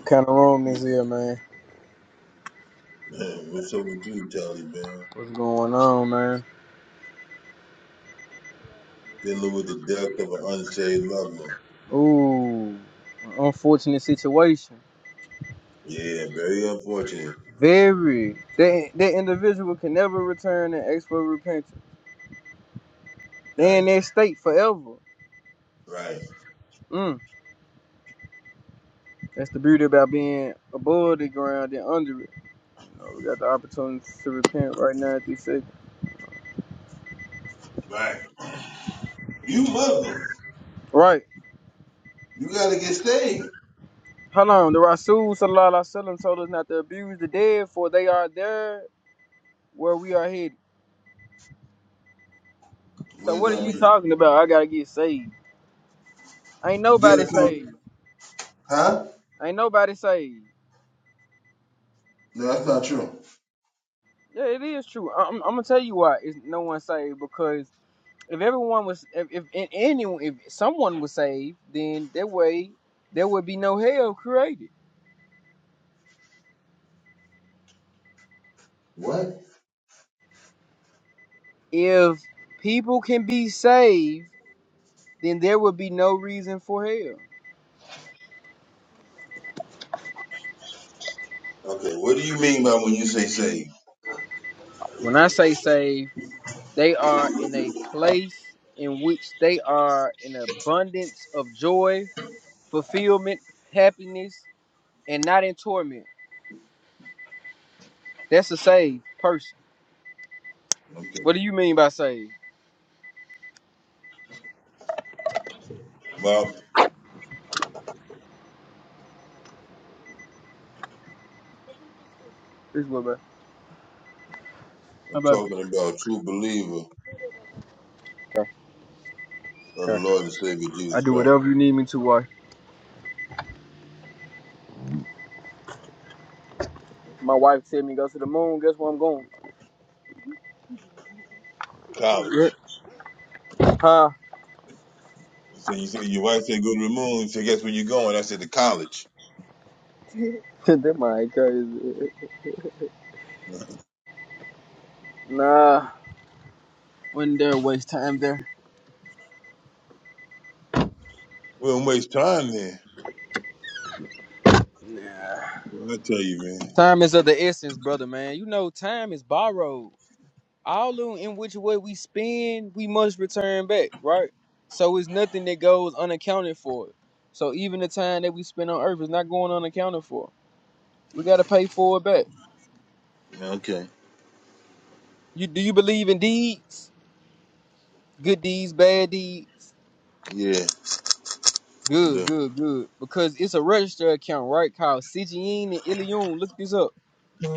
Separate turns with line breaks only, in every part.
What kind of room is here, man?
Man, what's up with you, Tally, man?
What's going on, man?
Dealing with the death of an unsaved loved one.
Ooh, an unfortunate situation.
Yeah, very unfortunate.
Very. That that individual can never return and ask for repentance. They
Right,
in that state forever.
right,
Mm. That's the beauty about being above the ground and under it. You know, we got the opportunity to repent right now at these seconds.
right. You Muslim.
Right.
You gotta get saved.
Hold on. The Rasul Sallallahu Alaihi Wasallam told us not to abuse the dead, for they are there where we are headed. So
What does
what are
that
you
mean?
talking about? I gotta get saved. Ain't
You
nobody
gotta come,
saved.
huh?
Ain't nobody saved.
No, that's not true.
Yeah, it is true. I- am I'm gonna tell you why it's no one saved because if everyone was, if, if if anyone, if someone was saved, then that way there would be no hell created.
What?
If people can be saved, then there would be no reason for hell.
Okay, what do you mean by when you say saved?
When I say saved, they are in a place in which they are in abundance of joy, fulfillment, happiness, and not in torment. That's a saved person What do you mean by saved?
Well,
This is what, bro. How
I'm
about? you?
talking about true believer
Okay,
of the
okay.
Lord and Savior
I
Jesus
do
Christ.
whatever you need me to, wife. My wife said me go to the moon. Guess where I'm going? Yeah.
College.
Huh?
So you say your wife said go to the moon. So guess where you going? I said to college.
that might crazy. Nah, wouldn't dare waste time there.
We don't waste time there.
Nah.
Well, I tell you, man.
Time is of the essence, brother, man. You know, time is borrowed. All in which way we spend, we must return back, right? So it's nothing that goes unaccounted for. So even the time that we spend on earth is not going unaccounted for. We gotta pay for it back.
Yeah, Okay.
You do you believe in deeds? Good deeds, bad deeds.
Yeah, I
Good,
do.
good, good. Because it's a registered account, right, Called Sijin and Ilion. Look this up.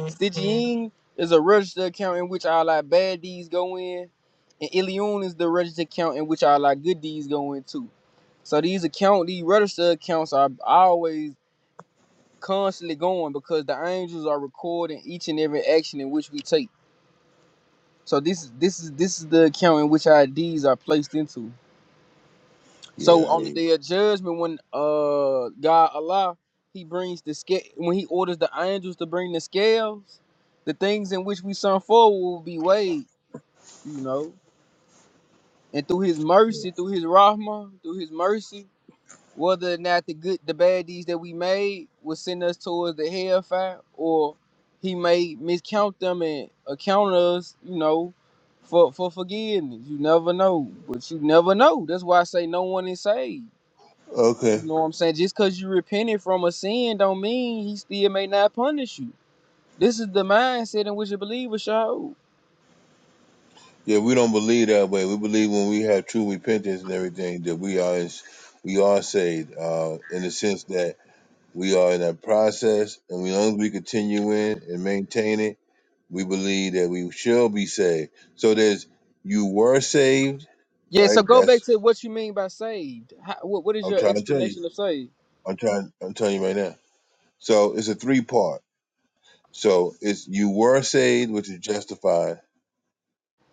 Sijin is a registered account in which all our bad deeds go in, and Ilion is the registered account in which all our good deeds go in too. So these account, these registered accounts are always constantly going because the angels are recording each and every action in which we take. So this is this is this is the account in which our deeds are placed into. So
Yeah, I
on the
hate.
day of judgment, when uh God Allah He brings the scale, when He orders the angels to bring the scales, the things in which we sung for will be weighed. You know, and through His mercy, through His rahmah, through His mercy, whether or not the good, the bad deeds that we made will send us towards the hellfire, or He may miscount them and account us. You know. For, for forgiveness, you never know, but you never know. That's why I say no one is saved. You
Okay.
know what I'm saying? Just because you repented from a sin don't mean he still may not punish you. This is the mindset in which a believer show.
Yeah, we don't believe that way. We believe when we have true repentance and everything that we are is, we are saved. Uh, in the sense that we are in that process, and we, as long as we continue in and maintain it, we believe that we shall be saved. So there's you were saved,
Yeah, so
right?
go back
That's
to what you mean by saved. How, what, what is
I'm
your
trying to tell you.
explanation of saved?
I'm trying. I'm telling you right now. So it's a three part. So it's you were saved, which is justified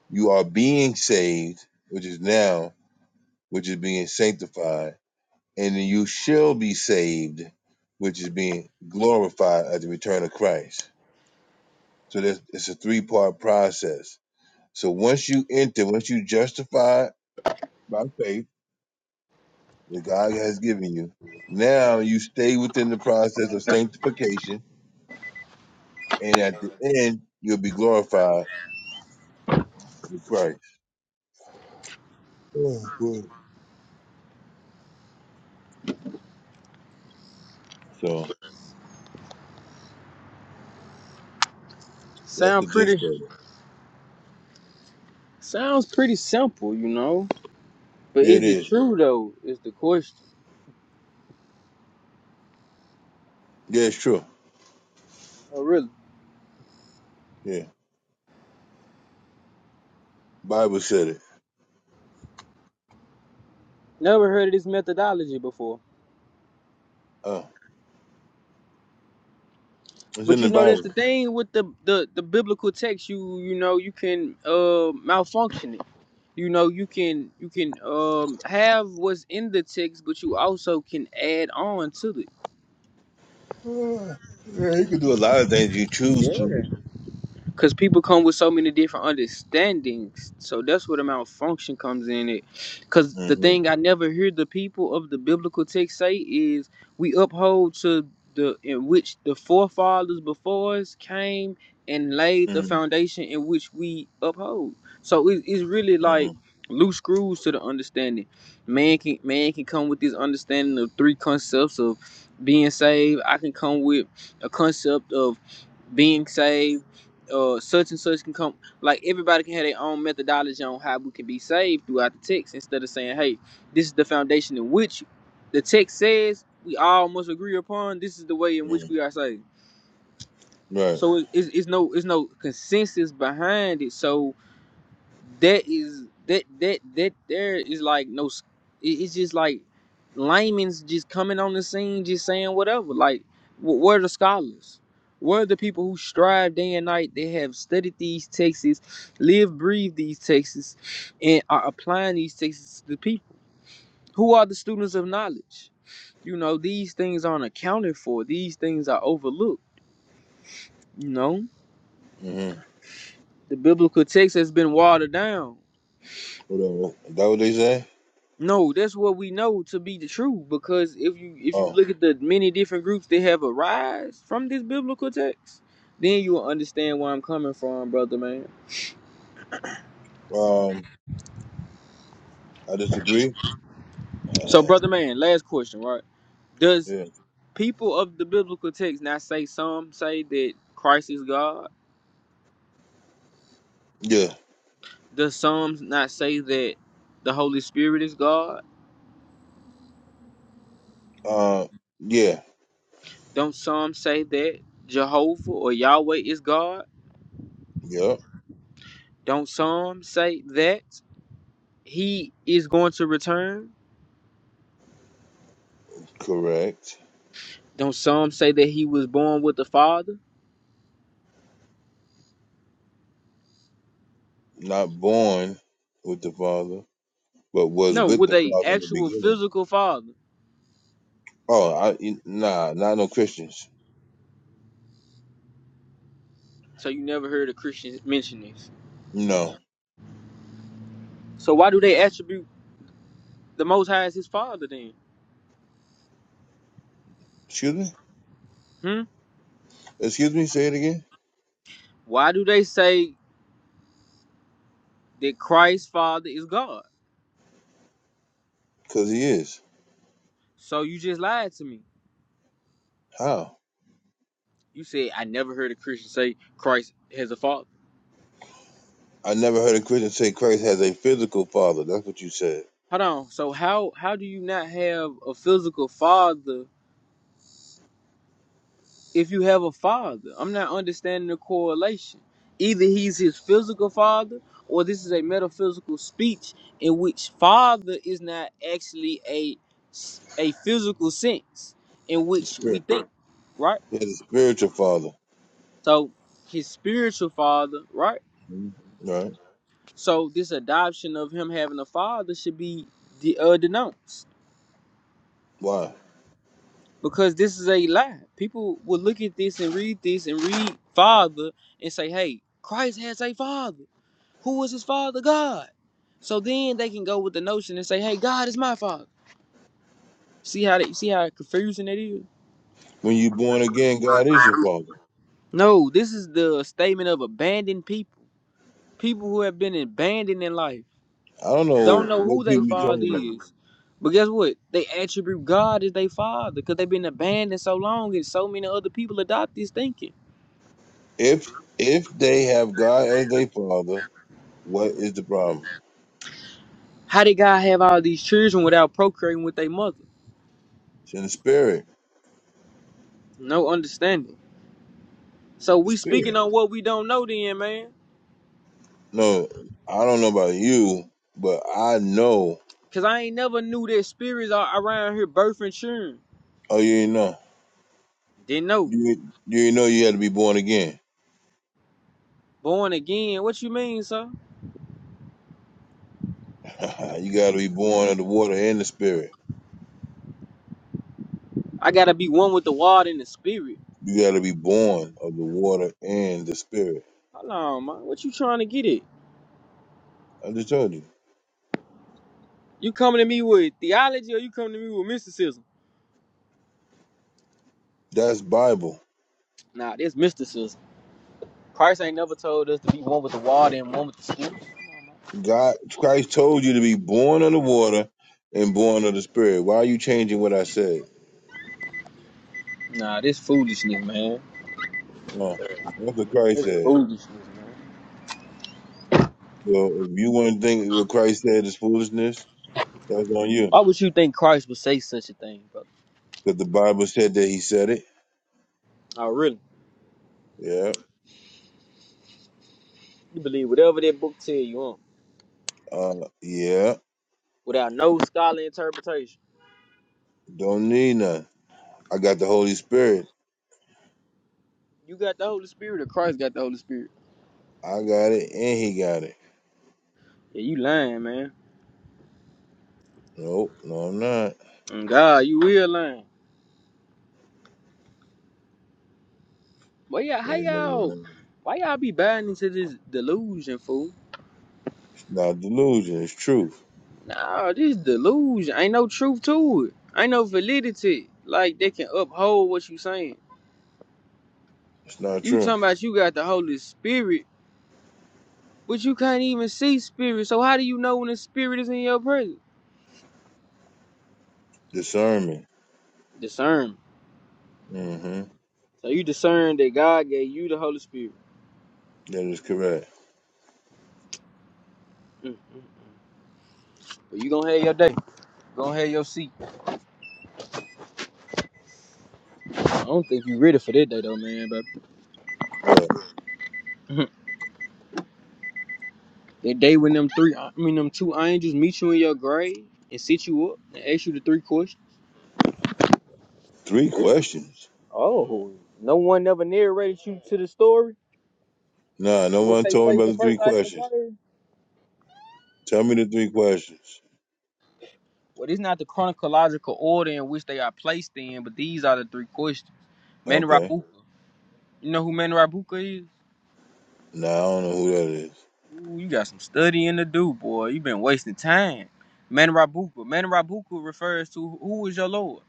You are being saved, which is now, which is being sanctified, and then you shall be saved, which is being glorified at the return of Christ. So there's, it's a three part process. So once you enter, once you justify by faith that God has given you, now you stay within the process of sanctification, and at the end you'll be glorified with Christ. Oh, boy. So that's
Sound
the gist
pretty
of it.
sounds pretty simple, you know. But
Yeah, it
is it
is.
true though? Is the question.
Yeah, it's true.
Oh really?
Yeah. Bible said it.
Never heard of this methodology before.
Oh, it's
But
in
you
the
know that's the
Bible.
thing with the the, the biblical text. You you know you can uh, malfunction it. You know you can you can um, have what's in the text, but you also can add on to it.
Ah, yeah, you can do a lot of things you choose
Yeah.
to.
because people come with so many different understandings so that's where the malfunction comes in it because the
hmm
thing i never hear the people of the biblical text say is we uphold to the in which the forefathers before us came and laid the
hmm
foundation in which we uphold so it, it's really
hmm
like loose screws to the understanding man can man can come with this understanding of three concepts of being saved i can come with a concept of being saved, uh, such and such can come. Like everybody can have their own methodology on how we can be saved throughout the text instead of saying, hey, this is the foundation in which the text says we all must agree upon. This is the way in which
hmm
we are saved.
Right.
So it- it's, it's no it's no consensus behind it. So that is that that that there is like no s- it- it's just like layman's just coming on the scene just saying whatever like wh- where are the scholars where are the people who strive day and night they have studied these texts live breathe these texts and are applying these texts to the people who are the students of knowledge you know these things aren't accounted for these things are overlooked you know
hmm
the biblical text has been watered down
Whatever. Is that what they say?
No, that's what we know to be the truth. Because if you if you
Oh,
look at the many different groups that have arise from this biblical text, then you will understand where I'm coming from, brother man.
um, I disagree.
So,
Uh,
brother man, last question, right? Does
yeah.
people of the biblical text not say some say that Christ is God?
Yeah.
Does some not say that the Holy Spirit is God?
Uh, yeah.
Don't some say that Jehovah or Yahweh is God?
Yep.
Don't some say that He is going to return?
Correct.
Don't some say that he was born with a father?
Not born with the Father, but was
No,
with
with
the
a
Father in the
actual
beginning.
physical father.
Oh, I nah, not no Christians.
So you never heard a Christian mention this.
No.
So why do they attribute the Most High as his father then?
Excuse me.
Hmm?
Excuse me. Say it again.
Why do they say that Christ's father is God?
Cause he is.
So you just lied to me.
How?
You said I never heard a Christian say Christ has a father.
I never heard a Christian say Christ has a physical father. That's what you said.
Hold on. So how how do you not have a physical father if you have a father. I'm not understanding the correlation. Either he's his physical father or this is a metaphysical speech in which father is not actually a s- a physical sense in
The
which we
spirit.
think, right?
He has a spiritual father.
So his spiritual father, right?
Mhm. Right?
So this adoption of him having a father should be de- uh, denounced
Why?
because this is a lie. People will look at this and read this and read father and say, "Hey, Christ has a father." Who is his father? God. So then they can go with the notion and say, "Hey, God is my father." See how they, see how confusing it is.
When you are born again, God is your father.
No, this is the statement of abandoned people. People who have been abandoned in life
I don't
don't
know
know who
what
their
people are
father
talking about.
is. But guess what? They attribute God as their father because they've been abandoned so long and so many other people adopt this thinking.
If if they have God as their father, what is the problem?
How did God have all these children without procreating with their mother?
It's in the spirit.
No understanding. So
The
we speaking
spirit.
on what we don't know then, man.
No, I don't know about you, but I know.
Cause I ain't never knew that spirits are around here birthing children.
Oh, you ain't know.
Didn't know.
You you ain't know you had to be born again.
Born again. What you mean, sir?
you got to be born of the water and the spirit.
I gotta be one with the water and the spirit.
You got to be born of the water and the spirit.
Hold on, man. What you trying to get at?
I just told you.
You coming to me with theology or you coming to me with mysticism?
That's Bible.
Nah, this mysticism. Christ ain't never told us to be one with the water and one with the spirit.
God, Christ told you to be born of the water and born of the spirit. Why are you changing what I said?
Nah, this foolishness, man.
No, that's what Christ
It's
said.
foolishness, man.
So if you want to think what Christ said is foolishness, that's on you.
Why would you think Christ would say such a thing, brother?
Because the Bible said that he said it.
Oh, really?
Yeah.
You believe whatever that book tell you, huh?
Uh, yeah.
without no scholarly interpretation.
Don't need none. I got the Holy Spirit.
You got the Holy Spirit, or Christ got the Holy Spirit.
I got it and he got it.
Yeah, you lying, man.
Nope. No, I'm not.
And God, you will lying. But yeah, how
And,
y'all?
uh,
Why y'all be buying into this delusion, fool?
It's not delusion. It's truth.
Nah, this delusion ain't no truth to it. Ain't no validity. Like they can uphold what you saying.
It's not
You
true.
talking about you got the Holy Spirit, but you can't even see spirit. So how do you know when the spirit is in your presence?
Discernment.
Discern.
Mm-hmm.
So you discern that God gave you the Holy Spirit.
That is correct.
Mm. But you gonna have your day. Go have your seat. I don't think you ready for that day though, man.
What?
But that day when them three, I mean them two angels meet you in your grave and sit you up and ask you the three questions.
Three questions?
Oh, no one never narrated you to the story?
Nah, no
What
one
they
told me
place the
about the three
first night in the
questions.
grave?
Tell me the three questions.
Well, it's not the chronological order in which they are placed in, but these are the three questions. Manny
Okay.
Rabuka. You know who Manny Rabuka is?
Nah, I don't know who that is.
Ooh, you got some studying to do, boy. you have been wasting time. Manny Rabuka. Manny Rabuka refers to who is your Lord?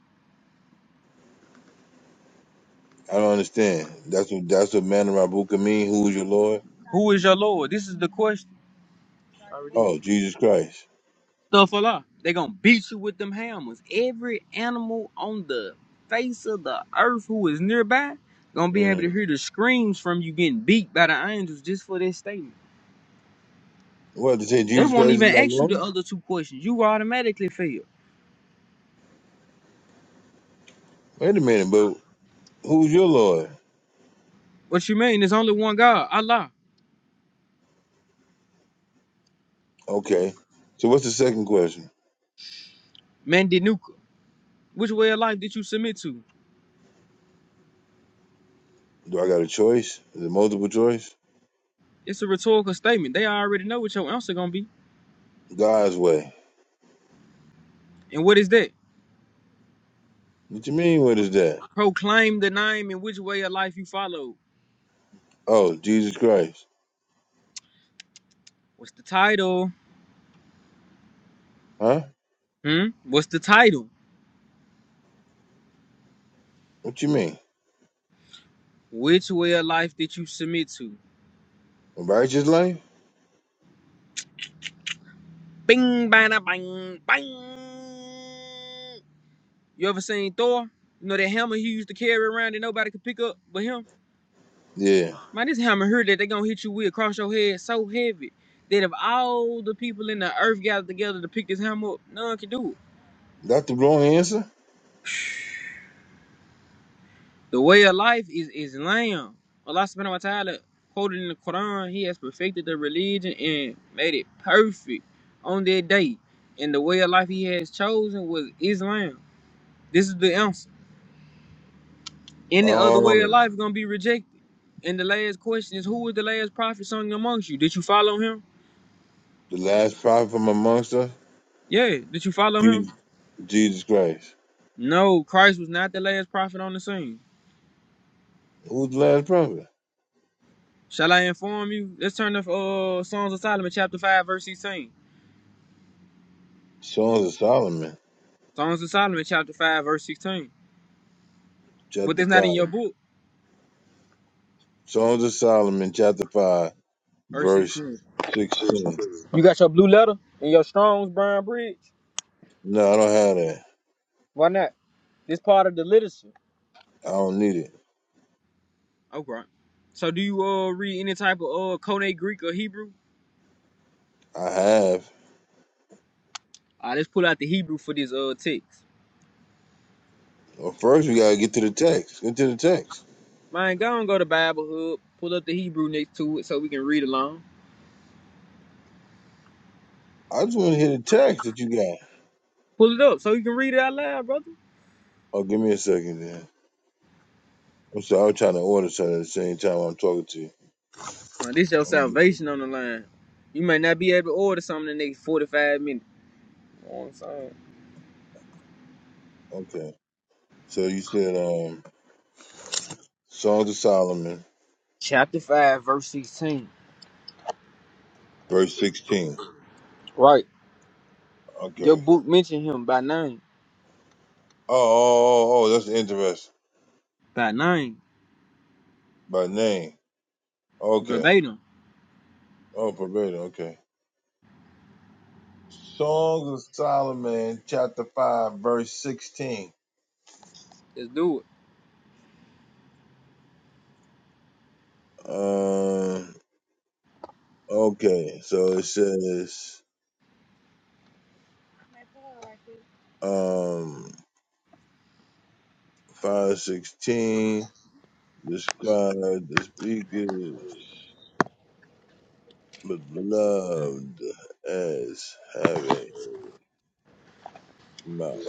I don't understand. That's what that's what man of Rabuka mean. Who's your Lord?
Who is your Lord? This is the question. Already.
Oh, Jesus Christ.
Stuff Allah. They gonna beat you with them hammers. Every animal on the face of the earth who is nearby gonna be
hmm
able to hear the screams from you getting beat by the angels just for this statement.
What to say?
They
Jesus
won't
Christ is
even
my
ask you
Lord?
the other two questions. You automatically fail.
Wait a minute, but who's your Lord?
What you mean? There's only one God, Allah.
Okay. So what's the second question?
Mandinuka. Which way of life did you submit to?
Do I got a choice? Is it multiple choice?
It's a rhetorical statement. They already know what your answer gonna be.
God's way.
And what is that?
What you mean? What is that?
Proclaim the name and which way of life you follow.
Oh, Jesus Christ.
What's the title?
Huh?
Hmm? What's the title?
What you mean?
Which way of life did you submit to?
A righteous life?
Bing, bada, bang, bang. You ever seen Thor? You know that hammer he used to carry around that nobody could pick up but him?
Yeah.
Man, this hammer here that they gonna hit you with across your head so heavy that if all the people in the earth gathered together to pick this hammer up, none can do it.
That's the wrong answer?
The way of life is Islam. Allah subhanahu wa ta'ala quoted in the Quran, He has perfected the religion and made it perfect on that day. And the way of life He has chosen was Islam. This is the answer. Any other way of
Oh,
life is gonna be rejected. And the last question is who was the last prophet sung amongst you? Did you follow him?
the last prophet from amongst us?
Yeah, did you follow him?
Jesus, Jesus Christ.
No, Christ was not the last prophet on the scene.
Who's the last prophet?
Shall I inform you? Let's turn to uh, Songs of Solomon, chapter 5, verse 16.
Songs of Solomon,
Songs of Solomon, chapter 5, verse 16. But
chapter
it's not in
5.
your book.
Songs of Solomon, chapter 5,
Verse
verse
16.
16.
You got your blue letter and your Strong's Brown Bridge.
No, I don't have that.
Why not? This part of the literature.
I don't need it.
Okay. So do you uh read any type of uh Koine Greek or Hebrew?
I have.
All right, let's pull out the Hebrew for this uh text.
Well, first, we got to get to the text. Get to the text.
Man, go and go to Bible Hub. Pull up the Hebrew next to it so we can read along.
I just want to hear the text that you got.
Pull it up so you can read it out loud, brother.
Oh, give me a second then. I'm sorry. I was trying to order something at the same time I'm talking to you.
Man, this your
Let me get
salvation on the line. You may not be able to order something in the next 45 minutes. You know what I'm saying?
Okay. So you said um Songs of Solomon,
Chapter 5, verse 16.
verse sixteen.
Right. Your
Okay.
book mentioned him by name.
Oh, oh, oh, oh that's interesting.
By name.
By name. Okay.
Verbatim.
Oh, Pervada, okay. Songs of Solomon, chapter five, verse sixteen.
Let's do it.
Um okay, so it says um five sixteen describe the speakers beloved as having mouth.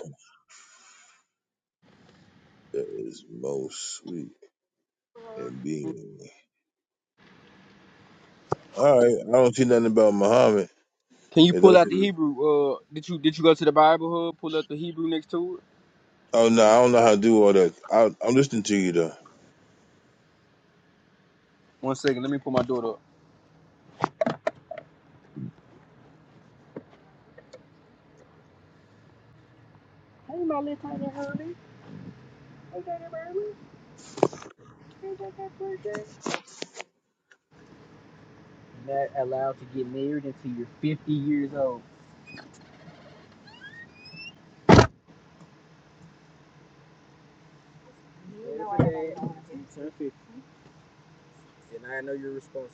That is most sweet and being. All right, I don't see nothing about Muhammad.
Can you
It
pull
doesn't.
out the Hebrew? Uh did you did you go to the Bible hub? Pull up the Hebrew next to it?
oh no, I don't know how to do all that. I, I'm listening to you though.
One second, let me pull my daughter up. Every day, you turn 50, and I know you're responsible.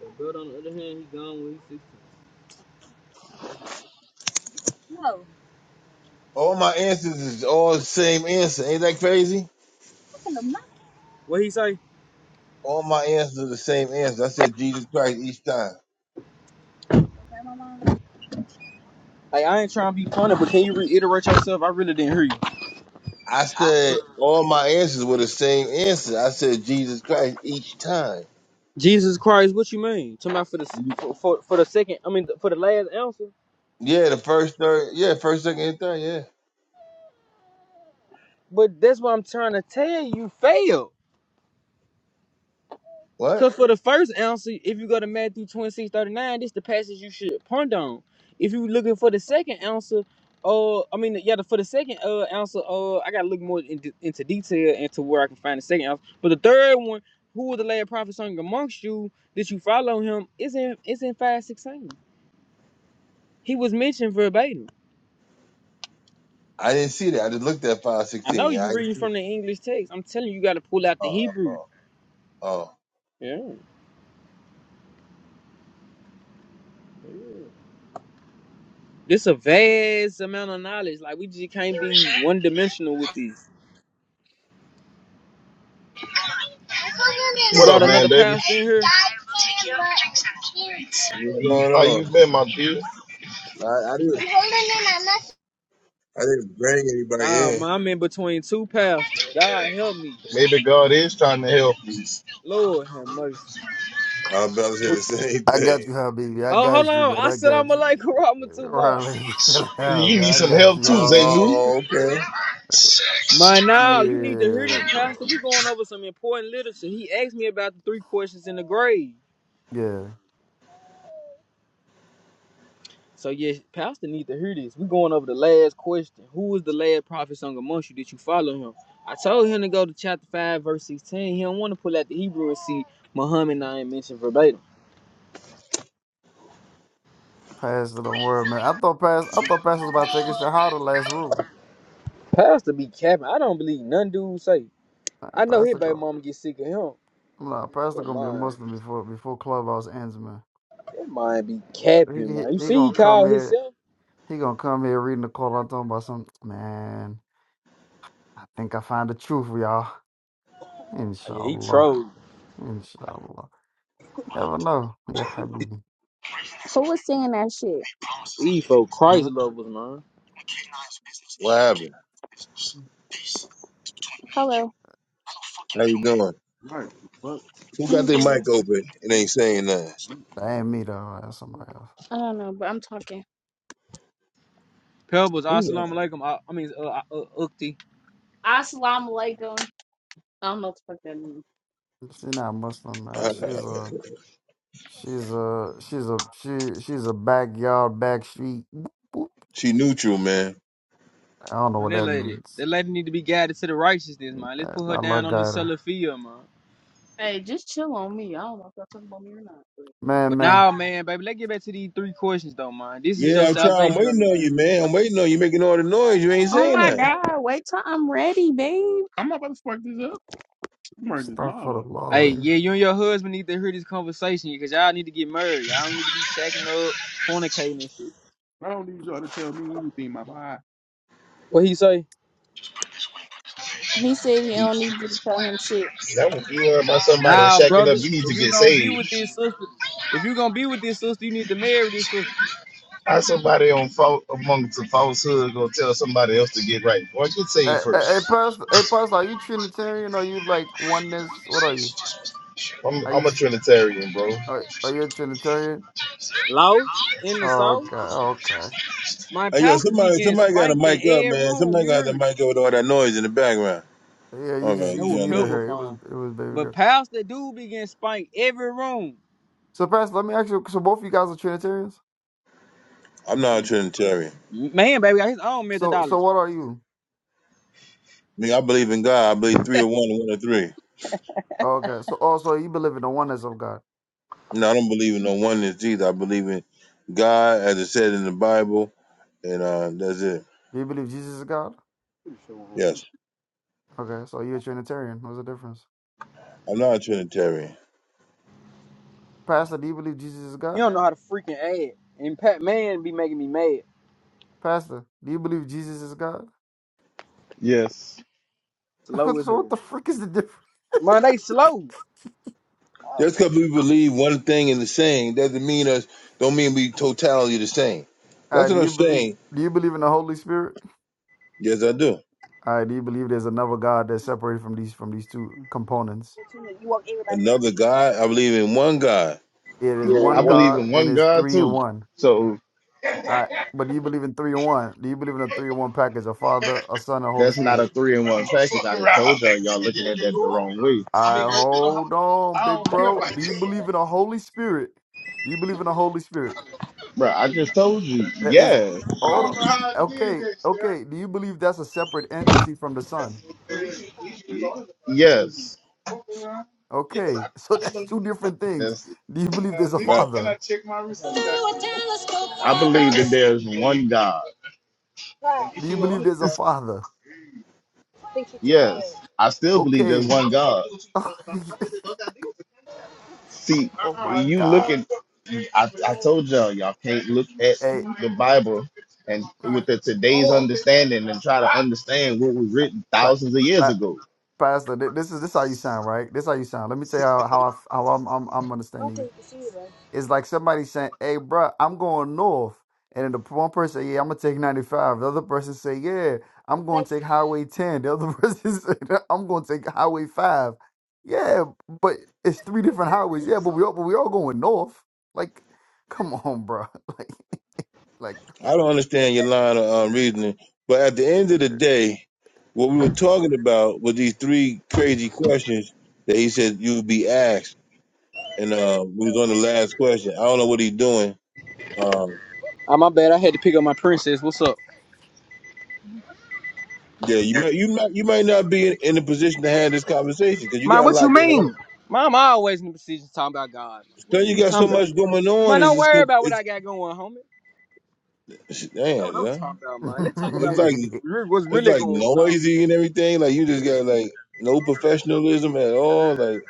But on the other hand, he gone when he's 16. That's-
All my answers is all the same answer. Ain't that crazy?
What he say?
All my answers are the same answer. I said Jesus Christ each time.
Like, I ain't trying to be funny, but can you reiterate yourself? I really didn't hear you.
I said all my answers were the same answer. I said Jesus Christ each time.
Jesus Christ, what you mean? Talking about for the for, for, for the second, I mean, for the last answer.
Yeah, the first, third, yeah, first, second, and third, yeah.
But that's what I'm trying to tell you. Fail.
What?
Cause for the first answer, if you go to Matthew twenty six thirty nine, 39, this is the passage you should ponder on. If you looking for the second answer, uh, I mean, yeah, for the second uh answer, uh, I gotta look more into, into detail and to where I can find the second answer. But the third one, who was the last prophet amongst you that you follow him? Is in is in five sixteen. He was mentioned verbatim.
I didn't see that. I just looked at five
I know
sixteen. Yeah, I
you
didn't
reading
see.
from the English text. I'm telling you, you gotta pull out the
Oh, oh,
Hebrew.
oh. oh.
Yeah. yeah. This a vast amount of knowledge. Like we just can't be one dimensional with this. You
What
brought
up, man,
another
baby?
pastor in here?
You-
What's going
How you
on?
been, my dude?
I, I didn't I didn't bring anybody
Ah,
in.
I'm in between two pastors. God help me.
Maybe God is trying to help you.
Lord have mercy.
I was about to say the same
I got
thing.
you, Habibi. I
Oh, hold
got you,
on.
man.
I
I
said
got
I'm a like
you.
Karama too long.
Riley, chill out,
You
man.
need
I
some
got you,
help too,
Habibi.
Zaynu.
Oh, okay.
My now you need to hear
Yeah,
this, Pastor.
bro.
We going over some important literature. He asked me about the three questions in the grave.
Yeah.
So yes, Pastor need to hear this. We going over the last question. Who was the last prophet sung amongst you? Did you follow him? I told him to go to chapter five, verse sixteen. He don't want to pull out the Hebrew and see Muhammad I ain't mentioned verbatim.
Pass it not worry, man. I thought Pass I thought Pass was about to take a shot out of the last room.
Pastor be capping. I don't believe none dude say.
Man,
I know his
Pastor
baby
go.
mama get sick of him.
I'm not Pastor
Cause
gonna be a
mine,
Muslim before before Clubhouse ends, man.
that mind be
He,
capping, man. You
he he
see, he
gonna come
called
here
himself.
he gonna come here reading the Quran talking about some man. I think I find the truth, y'all.
Oh, yeah, he
Inshallah.
trolled.
Inshallah. Never know. Yeah, Habibi.
Who was singing that shit?
He for Christ
Huh?
lovers, man.
What happened?
Hello.
How you doing?
Right. Fuck.
Who got
i
their mic open and ain't saying nothing?
That
Man.
ain't me though. That's somebody else.
I don't know, but I'm talking.
Pebbles,
Who's
assalamu alaikum. I, I mean, uh, uh, uh, Ukti.
Assalamu alaikum. I don't know what the fuck that means.
She not Muslim, man.
that?
She's a she's a she's a she she's a backyard back street. boop, boop.
she neutral, man.
I don't know
Man,
what
that
that
lady, that
means.
lady need to be guided to the righteousness, man. Let's
Man,
put her
I
down
love
on this
her.
Salafia, man.
Hey, just chill on me. I don't know if y'all talking about me or not. but-
Man,
But
man.
now, man, baby, let's get back to these three questions, though, man. This is your
Yeah, I'm trying. I'm
salvation on
waiting
the
on
line.
you, man. I'm waiting on you. Making all the noise. You ain't
Oh
saying
my
nothing.
god, wait till I'm ready, babe. I'm not about to spark this up. I'm running this
Stuck for
mod up.
the law.
Hey,
man.
yeah, you and your husband need to hear this conversation because y'all need to get married. Y'all don't need to be shacking up, fornicating and shit.
I don't need y'all to tell me anything, my boy.
What he say?
He said he
You,
don't need you to tell him shit.
That would be worried about somebody
Nah,
shacking up.
brother.
You need
If
to
you
get
gonna be with
saved.
this sister, if you gonna be with this sister, you need to marry this sister.
How somebody on fault amongst the falsehood gonna tell somebody else to get right? Boy, get saved
Hey,
first.
hey, hey, pastor, hey, pastor, are you Trinitarian or you like oneness? What are you?
I'm,
Are
I'm
you
a Trinitarian, bro.
are, are you a Trinitarian?
Lost in the
Oh,
south.
okay, okay.
My
hey, yo,
pastor be
somebody,
getting
somebody got a
spanked in
mic up,
every
man.
room.
Somebody
You
got
hear
the
me?
mic up with all that noise in the background.
Yeah, you just
Okay,
you
That
the
just
was
young
muted
pebble
lady.
her. It was
phone.
it was baby
But
girl.
pastor dude be getting spanked every room.
So, pastor, let me ask you. So, both of you guys are Trinitarians.
I'm not a Trinitarian.
Man, baby, got his own
So, so
methodology.
what are you?
I mean, I believe in God. I believe three or one and one or three.
Okay, so also you believe in the oneness of God.
No, I don't believe in no oneness either. I believe in God, as it said in the Bible, and uh, that's it.
Do you believe Jesus is God?
Yes,
Okay, so you're a Trinitarian. What's the difference?
I'm not a Trinitarian.
Pastor, do you believe Jesus is
He
God?
don't know how to freaking add. And Pat man be making me mad.
Pastor, do you believe Jesus is God?
Slow as
so
hell.
what the frick is the difference?
Man, they slow.
Just because we believe one thing in the same doesn't mean us don't mean we totally the same.
All
That's
right,
what
do
I'm
you believe
saying.
do you believe in the Holy Spirit?
Yes, I do.
All right, do you believe there's another God that's separated from these from these two components?
Another God, I believe in one God.
It is
I
one
believe
God
in
and
one
it's
God
three in
too.
one.
So
All right, but do you believe in three in one? Do you believe in a three in one package, a Father, a Son, and a Holy
that's not
Spirit?
a three in one package. I done told y'all y'all looking at that the wrong way.
I hold on, big bro. Do you believe in a Holy Spirit? Do you believe in a Holy Spirit?
Bro, I just told you.
That is
Yeah.
hold on. Okay, okay. Do you believe that's a separate entity from the Son?
Yes.
Okay. So that's two different things.
That's
Do you believe there's a
Right.
father?
I believe that there's one God.
Do you believe there's a father?
Yes. I still believe there's
Okay.
one God. See,
oh my
you look
God.
at I, I told y'all y'all can't look at
Hey,
the Bible and with the today's understanding and try to understand what was written
pa-
thousands of years
pa-
ago.
Pastor, thi- this is this how you sound, right? This how you sound. Let me tell you how how, I, f- how I'm, I'm I'm understanding you. It's like somebody saying, "Hey, bro, I'm going north," and then the one person, "Yeah, I'm gonna take 95." The other person say, "Yeah, I'm going to take Highway 10." The other person say, "I'm going to take Highway 5." Yeah, but it's three different highways. Yeah, but we all but we all going north. Like, come on, bro. Like,
I don't understand your line of um, reasoning, but at the end of the day, what we were talking about with these three crazy questions that he said you would be asked. and uh, we was on the last question. I don't know what he's doing. Um,
Ah, my bad. I had to pick up my princess. What's
yeah, you
up?
might you might you might not be in, in a position to have this conversation because you
Man,
got a
what you
lot going on.
mean? Mom, I always in the procedures talking about God. Man. What
So
are
you
you
got so
talking about?
much going on.
Man,
It's
don't
just
worry
good-
about what
it's,
I got going, homie.
it's
That's
man,
what I'm
son.
talking about, man. Let's talk
It's
about what
like
like.
what's
it's
really
like
going on.
noisy and everything. Like you just got like no professionalism at all. Like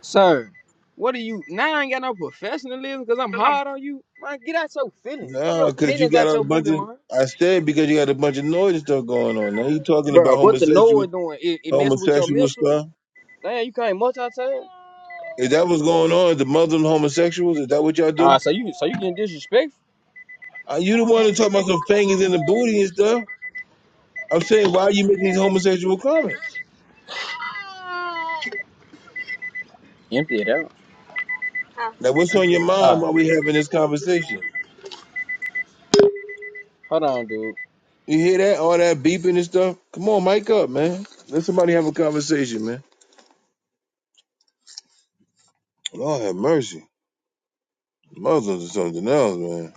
Sir, what are you? Now I ain't got no professionalism because I'm hard on you. Man, get out your feelings. Pull your
nah, because you
penis out
got a
your
bunch
booty,
of
man.
I said because you got a bunch of noise and stuff going on. Now you talking
Bro,
about
what the Noah
homosexual
doing? It, it messing with your
homosexual
mental?
stuff.
Damn, you can't multitask?
Is that what's going on? The Muslim homosexuals? Is that what y'all
Ah,
do?
so you so you getting disrespectful?
Uh, you the one who talking about some fingers in the booty and stuff. I'm saying, why are you making these homosexual comments?
Empty it out.
Now, what's on your mind
Ah,
while we having this conversation?
hold on, dude.
You hear that? All that beeping and stuff? Come on, mic up, man. Let somebody have a conversation, man. Lord have mercy. Muslims or something else, man.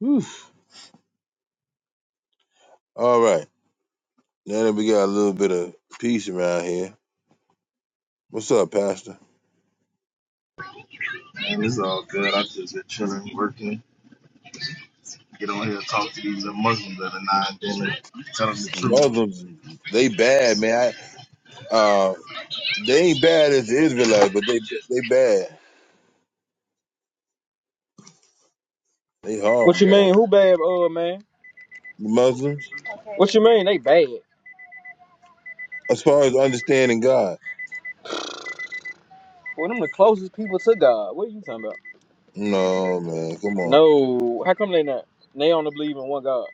Whew. All right. Now that we got a little bit of peace around here. What's up, Pastor?
Man, it's all good. i just been chilling, working. get on here and talk to these little Muslims that are not and then tell them the truth.
Muslims, they bad, man. I, uh, they ain't bad as the Israelites, but they they bad. They horrible,
What you
man.
mean? Who bad, uh, man?
The Muslims?
What you mean? They bad.
As far as understanding God,
Well, them the closest people to God. What are you talking about?
no man, come on.
No, how come they not? They only believe in one God.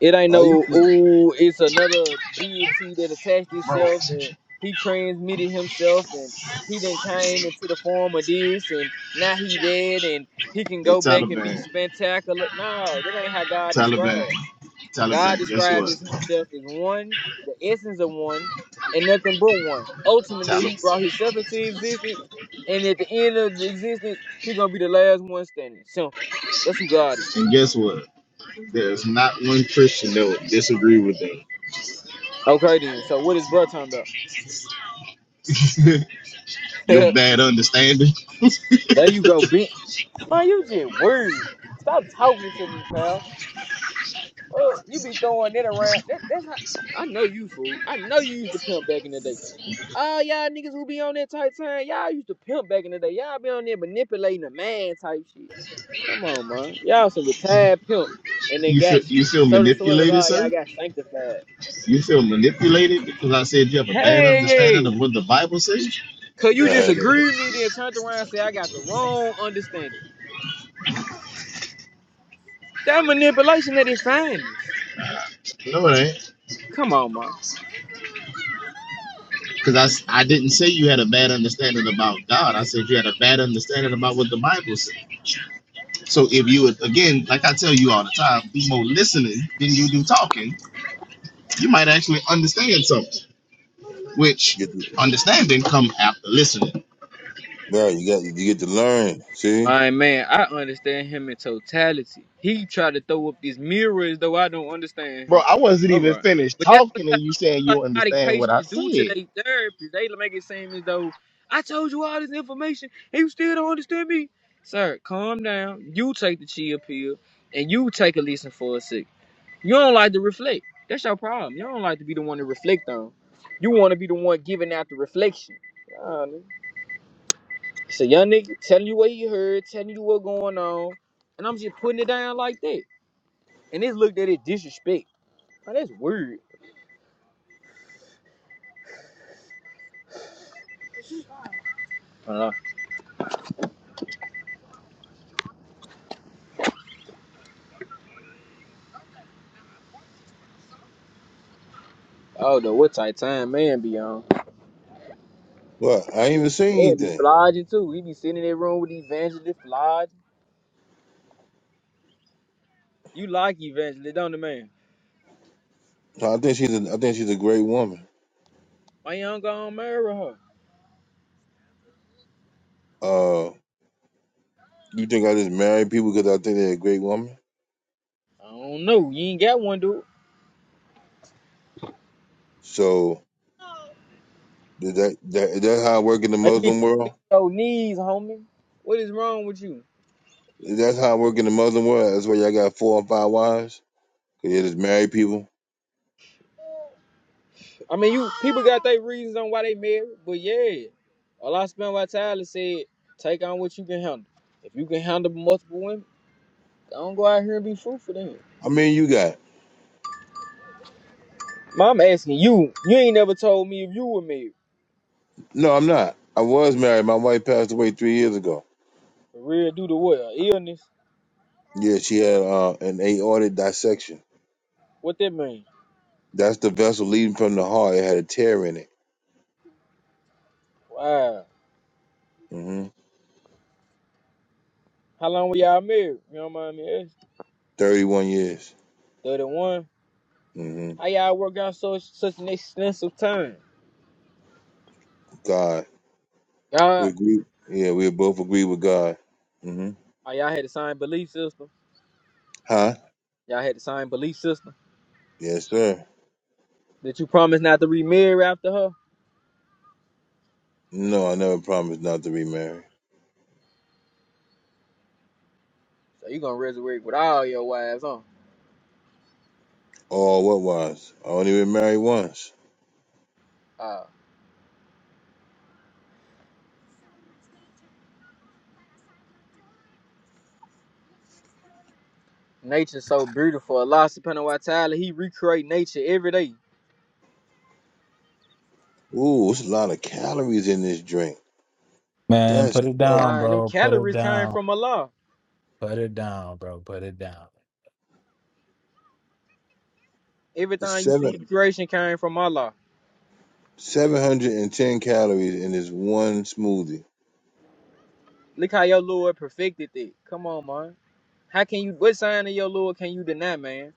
It ain't
Are you
no ooh. It's another deity that attached itself and he transmitted himself and he then came into the form of this and now he dead and he can
Hey,
go back and be
Taliban,
spectacular. No, that ain't how God
Taliban,
described. God
Taliban. Guess
described
what?
as himself as one, the essence of one, and nothing but one. Ultimately, he
Taliban.
brought himself into existence, and at the end of the existence, he gonna be the last one standing. So that's who God is.
And guess what? There's not one Christian that would disagree with
Okay then. So what is bro talking about?
them. Your bad understanding.
there you go, bitch. Man, you just word. Stop talking to me, pals. Oh, you be throwing that around. That, that's how I know you fool. I know you used to pimp back in the day. All y'all niggas who be on that type time, y'all used to pimp back in the day. Y'all be on there manipulating a man type shit. Come on, man. Y'all some retired pimp. And they
You
got,
feel you feel
so the swear to
manipulated,
God, y'all
sir.
got sanctified.
You feel manipulated because I said you have a bad understanding
Hey,
of what the Bible says.
cause you
go
just agreed with me, then turned around and said I got the wrong understanding. That manipulation that they find us.
No, it ain't.
Come on, man.
Because I, s- I didn't say you had a bad understanding about God. I said you had a bad understanding about what the Bible said. So if you would, again, like I tell you all the time, do more listening than you do talking, you might actually understand something, which
Get to,
understanding come after listening.
bro, you got you get to learn. See,
My man, I understand him in totality. He tried to throw up these mirrors, though I don't understand
Bro,
him.
I wasn't
All
even
right,
finished
but that's what
talking and
that
you saying you
psychotic
understand what I
patients do to
said.
their therapy. They make it seem as though I told you all this information and you still don't understand me. Sir, calm down. You take the chill pill and you take a listen for a sec. You don't like to reflect. That's your problem. You don't like to be the one to reflect on. You want to be the one giving out the reflection. So young nigga telling you what he heard, telling you what going on, and I'm just putting it down like that. And it's looked at it disrespect. Now that's weird. I don't know. I don't know what type of time man be on.
well, I ain't even say
Man be
anything.
flogging too. He be sitting in that room with evangelist flogging. You like evangelist, don't the man?
So I think she's a, I think she's a great woman.
Why you don't go and marry her?
Uh, you think I just marry people because I think they're a great woman?
I don't know. You ain't got one, dude.
So is that that is that how I work in the
I need to
Muslim world?
see your knees, homie. What is wrong with you?
Is that how I work in the Muslim world? That's why y'all got four and five wives. 'Cause you just marry people.
I mean, you people got their reasons on why they married, but yeah, Allah Subhanahu Tyler said, take on what you can handle. If you can handle multiple women, don't go out here and be fruitful then.
I mean, you got
Mom I'm asking you, you ain't never told me if you were married.
no. I'm not. I was married. My wife passed away three years ago.
For real, due to what? A illness?
Yeah, she had uh, an aortic dissection.
What that mean?
That's the vessel leading from the heart. It had a tear in it.
Wow.
hmm
How long were y'all married? You don't mind me asking.
Thirty-one years.
31.
hmm
How y'all work out so such an extensive time?
God,
Y'all,
we agree. Yeah, we both agree with God. hmm
oh, y'all had the same belief system.
Huh?
Y'all had the same belief system.
Yes, sir.
Did you promise not to remarry after her?
No, I never promised not to remarry.
So you gonna resurrect with all your wives, huh?
Oh, what was? I only been married once.
Uh, nature's so beautiful. Allah subhanahu wa ta'ala, he recreate nature every day.
Ooh, it's a lot of calories in this drink.
Man,
That's
put it
some-
down,
Man, them
bro. Put it
calories came
down.
from Allah.
Put it down, bro. Put it down.
it's
Everything you see in
seven
creation came from Allah.
seven hundred and ten calories in this one smoothie.
Look how your Lord perfected it. Come on, man. How can you what sign of your Lord can you deny, man?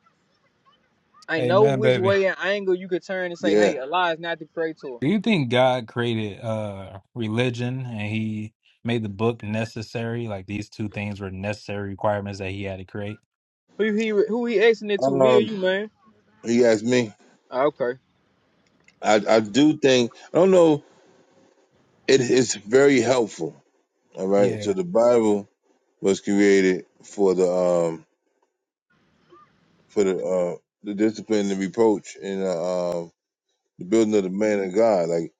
I
Hey,
know
man,
which
baby.
way and angle you could turn and say, hey,
Yeah.
Allah is not the creator.
Do you think God created uh religion and he made the book necessary? Like these two things were necessary requirements that he had to create?
Who he who he asking it to, me or you,
Um,
man?
he asked me.
Ah, Okay.
I, I do think I don't know. It is very helpful. All right. So
Yeah,
the Bible was created for the um for the uh the discipline, the reproach, and uh, um the building of the man of God, like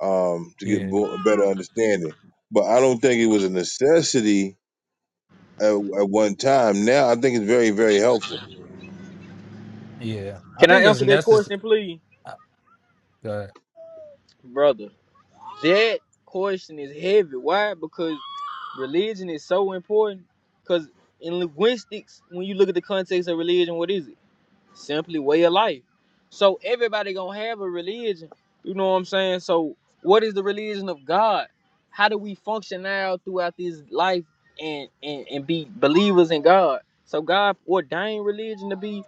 um to get
yeah,
more, a better understanding. But I don't think it was a necessity at, at one time. Now I think it's very very helpful.
yeah. I
Can I
think it's
answer that
necessary.
question, please? Brother, that question is heavy. Why? Because Religion is so important because in linguistics, when you look at the context of religion, what is it? Simply way of life. So everybody gonna have a religion. You know what I'm saying? So what is the religion of God? How do we function now throughout this life and and, and be believers in God? So God ordained religion to be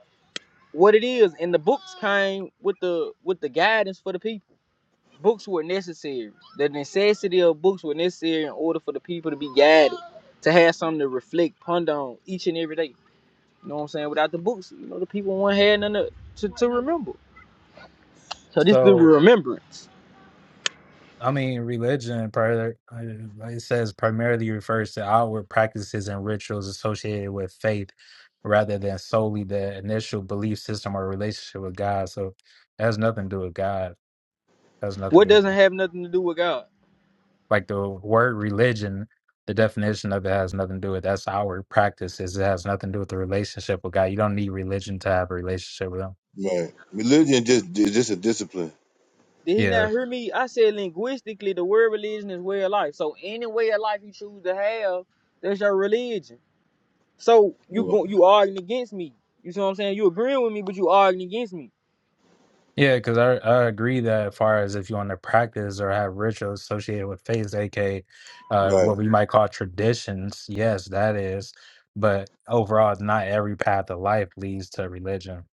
what it is, and the books came with the with the guidance for the people. Books were necessary. The necessity of books were necessary in order for the people to be guided, to have something to reflect, ponder on each and every day. You know what I'm saying? Without the books, you know, the people won't have nothing to, to, to remember. So this is the remembrance.
I mean, religion, pri- uh, it says primarily refers to outward practices and rituals associated with faith rather than solely the initial belief system or relationship with God. So it has nothing to do with God. It has nothing
What
to do with
doesn't
God.
have nothing to do with God?
Like the word religion, the definition of it has nothing to do with that's outward practices. It has nothing to do with the relationship with God. You don't need religion to have a relationship with Him.
Right. Religion just is just a discipline.
Did he
Yeah.
not hear me? I said linguistically, the word religion is way of life. So any way of life you choose to have, that's your religion. So you
Yeah.
go, you arguing against me. You see what I'm saying? You agreeing with me, but you arguing against me.
Yeah, because I, I agree that as far as if you want to practice or have rituals associated with faith, aka uh,
Right.
what we might call traditions, yes, that is. But overall, not every path of life leads to religion.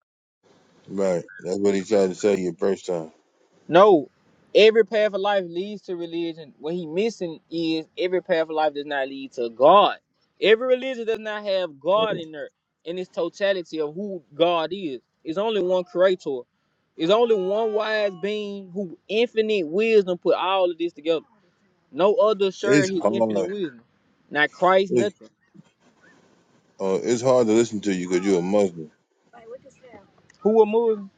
Right. That's what he tried to tell you first time.
No, every path of life leads to religion. What he missing is every path of life does not lead to God. Every religion does not have God
Oh,
in there in its totality of who God is. It's only one creator. It's only one wise being who infinite wisdom put all of this together. No other shared
It's
his infinite
hard.
wisdom. Not Christ,
It's
nothing.
Uh, it's hard to listen to you because you're a Muslim.
Who will move?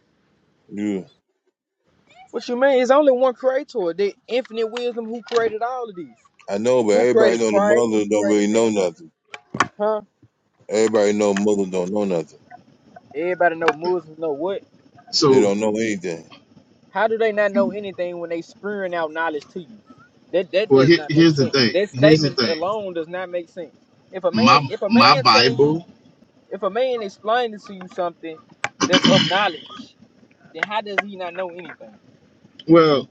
You,
What you mean? It's only one creator, the infinite wisdom who created all of these.
I know, but
Who
everybody
created
know the
Christ? Who
Muslims don't
created
really know
man?
nothing.
Huh?
Everybody know Muslims don't know nothing.
Everybody know Muslims know what?
They
So,
don't know anything.
How do they not know anything when they spewing out knowledge to you? That that
well,
does
here,
not make
here's the
sense.
thing.
That
Here's the
statement
thing.
alone does not make sense. If a man
My
if a
my
man telling you
Bible.
if a man explaining to you something that's of knowledge, then how does he not know anything?
Well,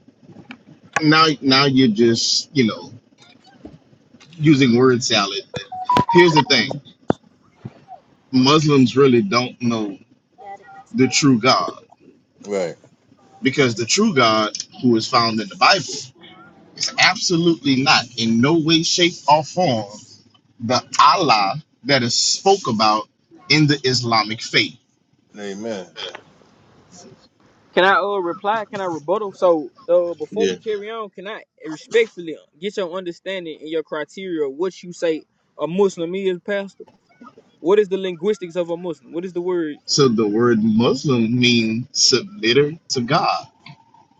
now now you're just you know using word salad. Here's the thing. Muslims really don't know the true God
Right.
because the true God, who is found in the Bible, is absolutely not in no way, shape, or form the Allah that is spoke about in the Islamic faith.
Amen.
Can I uh reply? Can I rebuttal? So uh before we
Yeah.
carry on, can I respectfully get your understanding and your criteria of what you say a Muslim is, Pastor? What is the linguistics of a Muslim? What is the word
So the word Muslim means submitter to God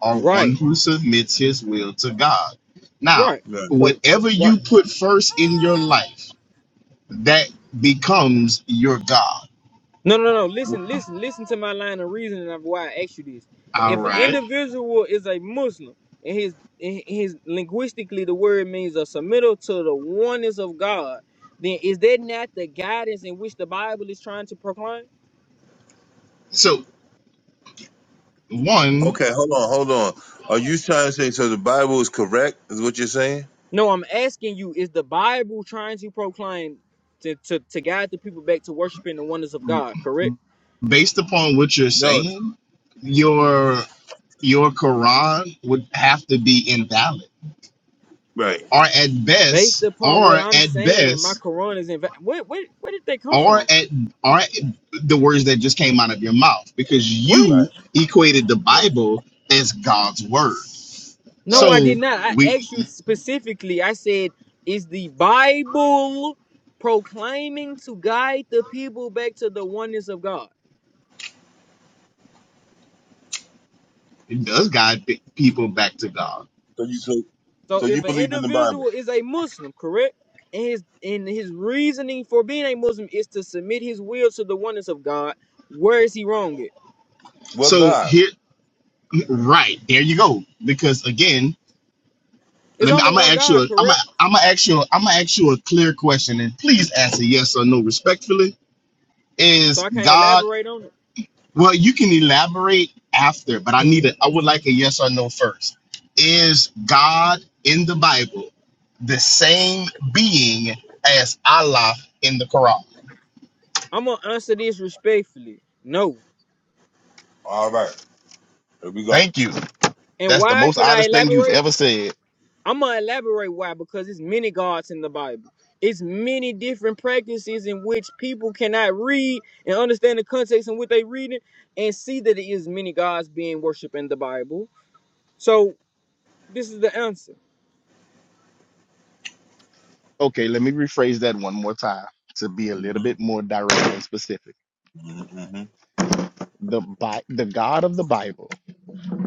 or
right?
one who submits his will to God. Now,
Right.
Right.
So, so
whatever you
right.
put first in your life, that becomes your God.
No, no, no. Listen, listen, listen to my line of reasoning of why I asked you this.
All
If an
right.
individual is a Muslim and his and his linguistically the word means a submittal to the oneness of God, then is that not the guidance in which the Bible is trying to proclaim?
So, one
Okay. Hold on. Hold on. Are you trying to say so the Bible is correct? Is what you're saying?
No, I'm asking you, is the Bible trying to proclaim to, to, to guide the people back to worshiping the oneness of God, correct?
based upon what you're
No.
saying, your your Quran would have to be invalid,
Right.
or at
Based
best,
upon what
or
I'm
at
saying, my
best,
Quran is in. Where, where, where did they come
or
from?
at or at the words that just came out of your mouth, because
What?
you
Right.
equated the
Yeah.
Bible as God's word.
No,
Right.
I
So
did not.
we
I asked you specifically. I said, is the Bible proclaiming to guide the people back to the oneness of God?
it does guide pe- people back to God.
So you so
So
so you
if an
believe in the
individual
Bible?
is a Muslim, correct? And his and his reasoning for being a Muslim is to submit his will to the oneness of God, where is he wrong at?
What
So
God?
here, right there you go. Because again,
It's
Let me.
only
I'm gonna
one
ask you.
God,
A, I'm gonna.
correct?
I'm gonna ask you. i am I'm gonna ask you a clear question, and please answer yes or no respectfully.
So
Is
I can't
God?
elaborate on it.
Well, you can elaborate after, but I need it. I would like a yes or no first. Is God in the Bible the same being as Allah in the Quran?
I'm gonna answer this respectfully. No.
All right. Here we go.
Thank you.
And
That's the
why
most
can I
honest thing you've
elaborate?
ever said.
I'm gonna elaborate why because it's many gods in the Bible. It's many different practices in which people cannot read and understand the context in what they reading and see that it is many gods being worshipped in the Bible. So this is the answer.
Okay, let me rephrase that one more time to be a
Mm-hmm.
little bit more direct and specific.
Mm-hmm. Mm-hmm.
The Bi- the God of the Bible.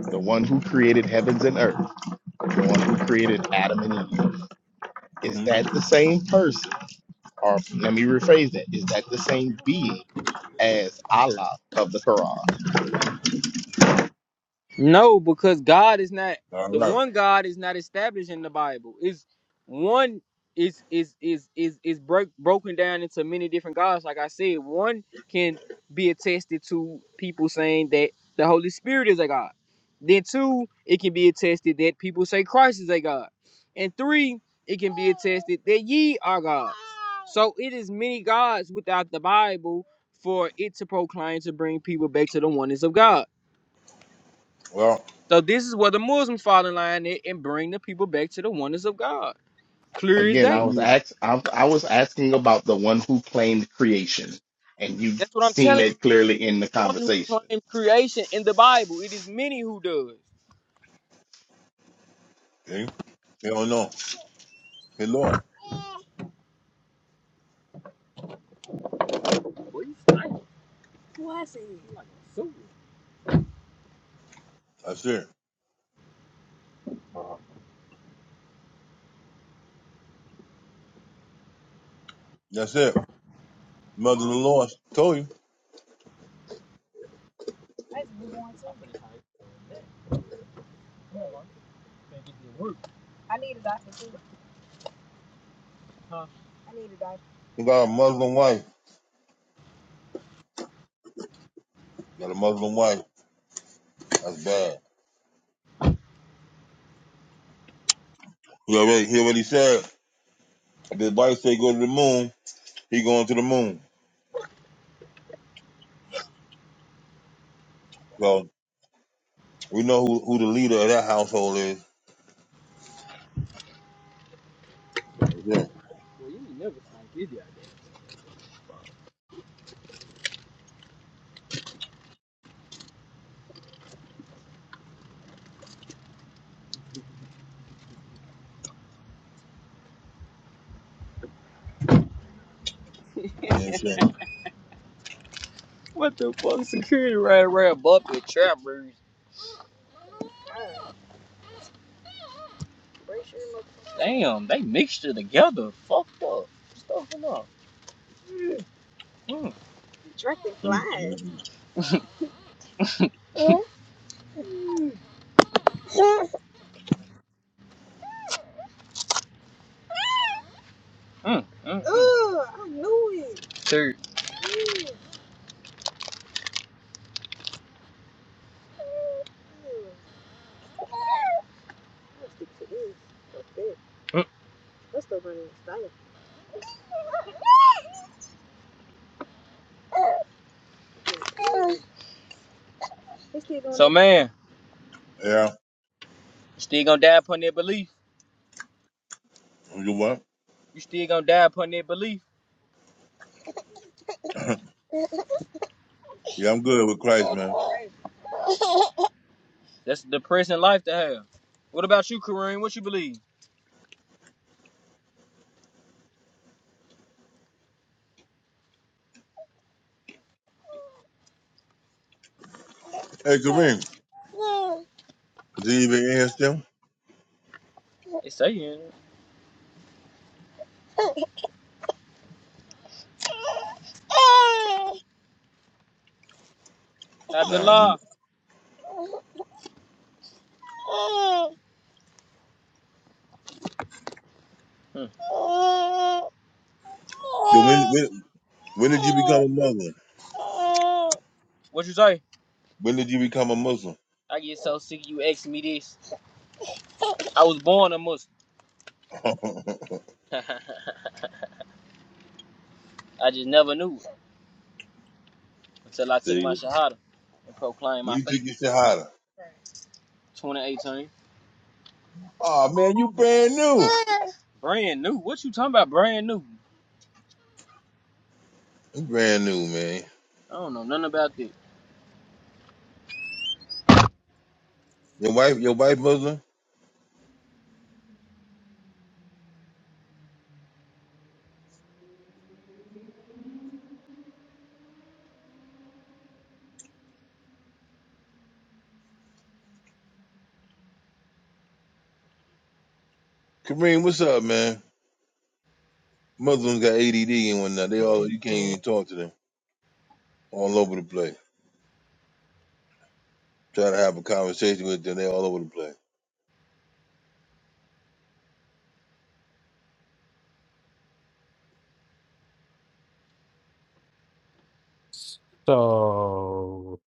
the one who created heavens and earth, the one who created
Mm-hmm.
Adam and Eve, is
Mm-hmm.
that the same person? Or let me rephrase that: Is that the same being as Allah of the Quran?
No, because God is not
All
the
right.
one God is not established in the Bible. Is one is is is is is break, broken down into many different gods. Like I said, one can be attested to people saying that the Holy Spirit is a God. Then two, it can be attested that people say Christ is a God. And three, it can be attested that ye are gods. So it is many gods without the Bible for it to proclaim to bring people back to the oneness of God.
Well,
So this is where the Muslims fall in line and and bring the people back to the oneness of God. Clear as
Again,
yeah,
I
day.
was
we,
asked, I, I was asking about the one who claimed creation, and you've
That's what I'm
seen
telling you.
yeah.
that clearly in the
One who
conversation.
claims creation in the Bible. It is many who does.
They don't know. Hey, Lord.
So think
That's it. That's it. Mother of the Lord. Told you.
it didn't work, huh?
You got a Muslim wife. You got a Muslim wife. That's bad. He already, he already said, if his wife say go to the moon, he going to the moon. So we know who, who the leader of that household is. That's it.
Well, you ain't never sniped this guy.
Damn shame.
What the fuck? Security right around Buffett trap birds. Damn, they mixed it together. Fucked up. Stuffing up. Mm, mm,
Mm-hmm.
mm, mm. mm. Ugh, I knew it. Dude. Mm. They still gonna- So man,
Yeah.
you still gonna die upon their belief.
You what?
You still gonna die upon their belief.
Yeah, I'm good with Christ, man.
That's a depressing life to have. What about you, Kareem? What you believe?
Hey, Kareem, is he even in here still?
It say you in it.
Nah.
Abdullah. Hmm.
So when, when, when did you become a Muslim?
What you say?
When did you become a Muslim?
I get so sick you asking me this. I was born a Muslim. I just never knew it until I took my
See,
Shahada and proclaimed
when
my
you took
faith.
your shahada?
2018.
Oh man, you brand new.
Brand new. What you talking about? Brand new.
You brand new, man.
I don't know nothing about that.
Your wife, your wife Muslim. Kareem, what's up, man? Muslims got ADD and whatnot. They all you can't even talk to them. All over the place. Try to have a conversation with them. They all over the place.
So,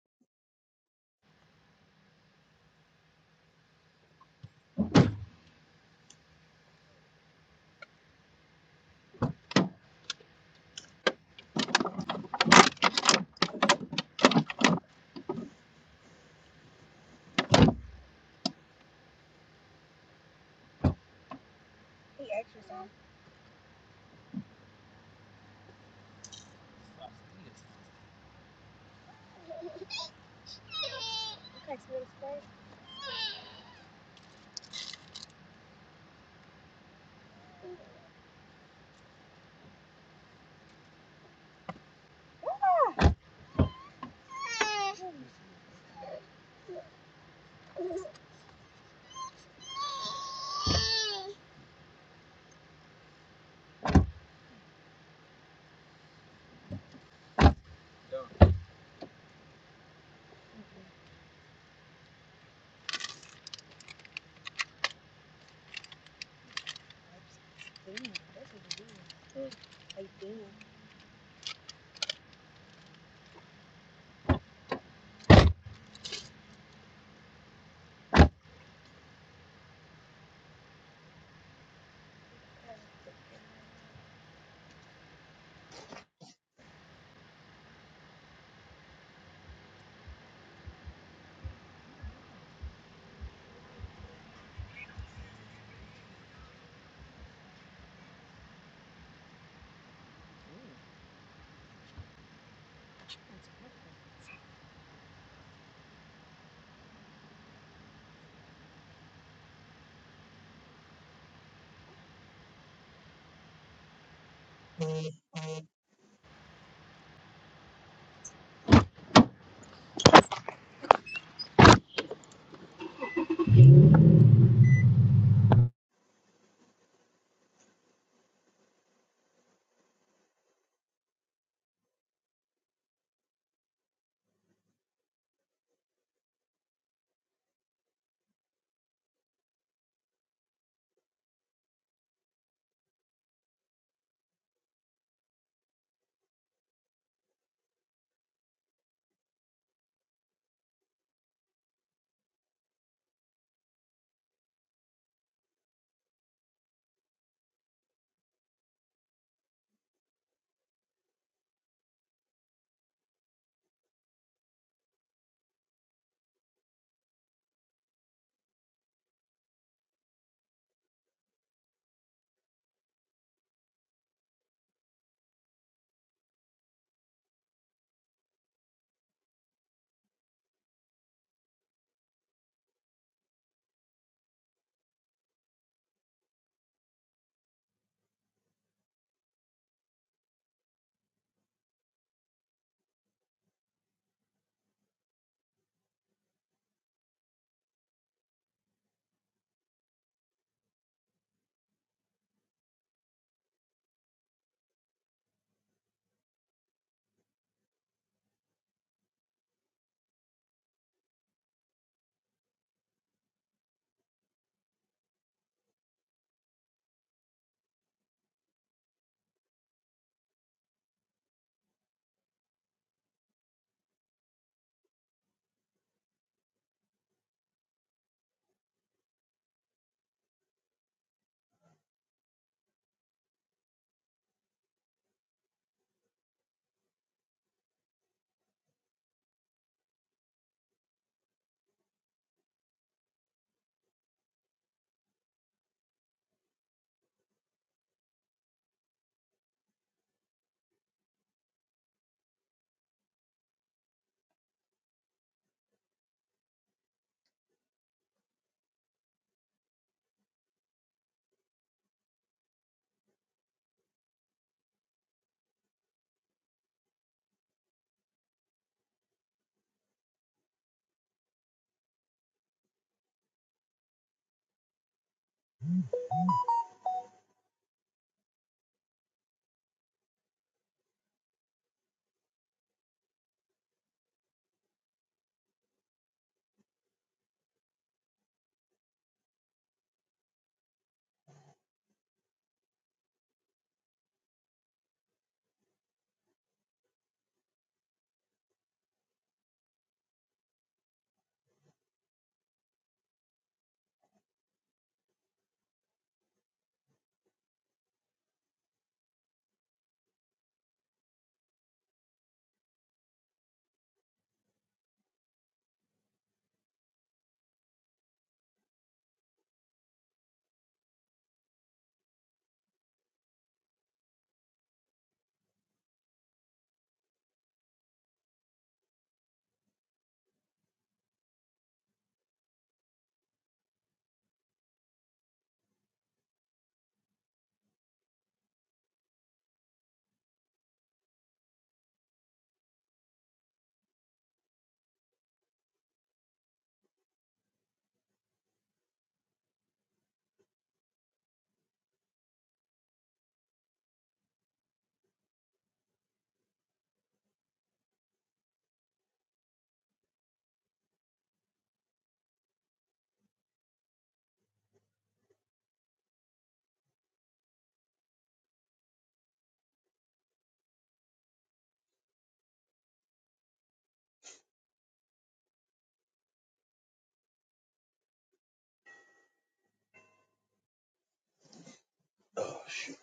Oh shoot.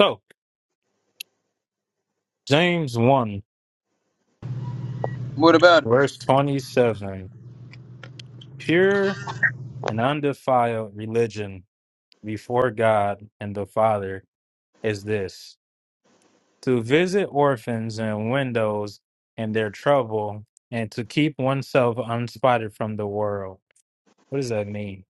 so James 1,
What about it?
verse 27 Pure and undefiled religion before God and the Father is this. to visit orphans and widows in their trouble, and to keep oneself unspotted from the world. What does that mean?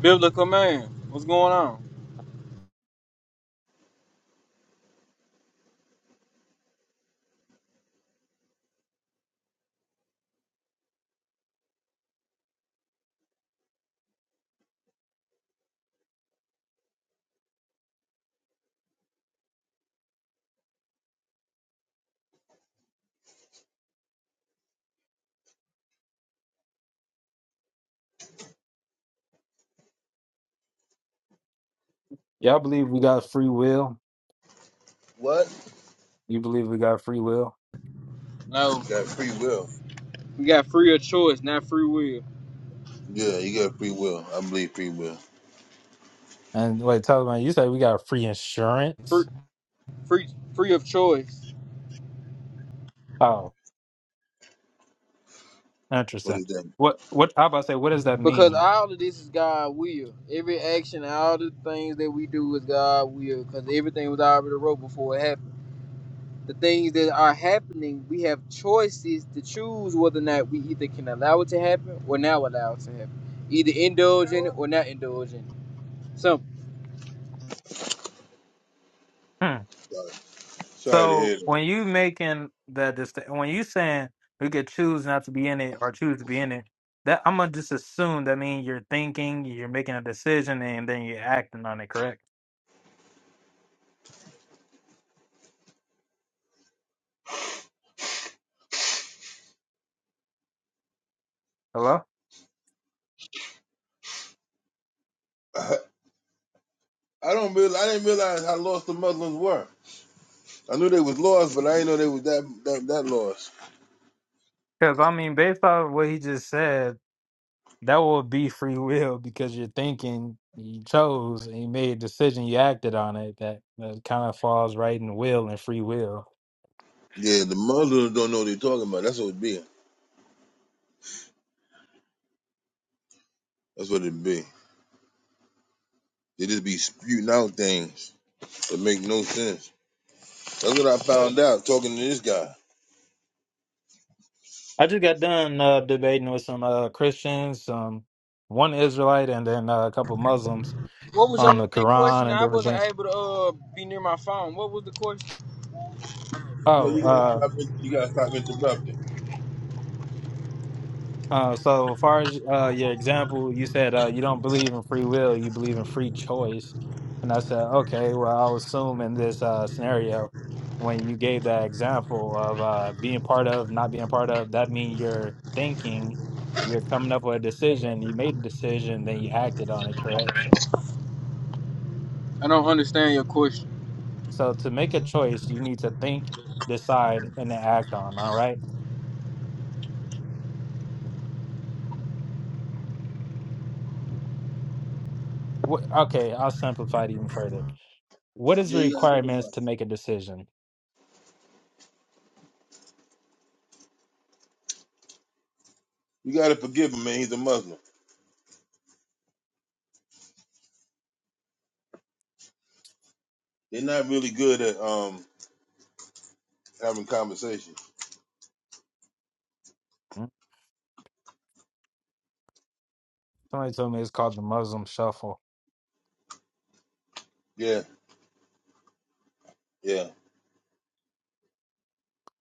Biblical man. What's going on?
Y'all believe we got free will?
What?
You believe we got free will?
No.
You got free will.
We got free of choice, not free will.
Yeah, you got free will. I believe free will.
And wait, tell me, you say we got free
Free
insurance?
free free of choice.
Oh,
What
interesting.
is that?
What? What? I about to say, what does that
Because
mean?
all of this is God will. Every action, all the things that we do is God will. Because everything was already wrote before it happened. The things that are happening, we have choices to choose whether or not we either can allow it to happen or not allow it to happen. Either indulge in it or not indulge in it. So,
Sorry to
So
hear that.
when you making that dist- when you saying we could choose not to be in it or choose to be in it, that I'm gonna just assume that means you're thinking, you're making a decision, and then you're acting on it. Correct? Hello?
I don't real. I didn't realize how lost the Muslims were. I knew they was lost, but I didn't know they was that that, that lost.
Because I mean, based off what he just said, that would be free will because you're thinking, you chose, and you made a decision, you acted on it. That that kind of falls right in will and free will.
Yeah, the Muslims don't know what they're talking about. That's what it be. That's what it be. They just be spewing out things that make no sense. That's what I found out talking to this guy.
I just got done uh, debating with some uh, Christians, some one Israelite, and then uh, a couple Muslims
what was
on
your
the Quran
question?
and
I
different
wasn't
things.
able to uh, be near my phone. What was the question?
No,
Oh,
you gotta
uh,
stop it. You gotta stop interrupting.
uh, so as far as uh, your example, you said uh, you don't believe in free will, you believe in free choice. And I said, okay, well, I'll assume in this uh, scenario, when you gave that example of uh, being part of, not being part of, that means you're thinking, you're coming up with a decision, you made a decision, then you acted on it, correct?
I don't understand your question.
So to make a choice, you need to think, decide, and then act on, all right? Wh- Okay, I'll simplify it even further What is the
Yeah, you gotta
requirements
forgive
to
him.
make a decision?
You gotta forgive him, man. He's a Muslim. They're not really good at um having conversations.
Hmm? Somebody told me it's called the Muslim shuffle
Yeah, yeah,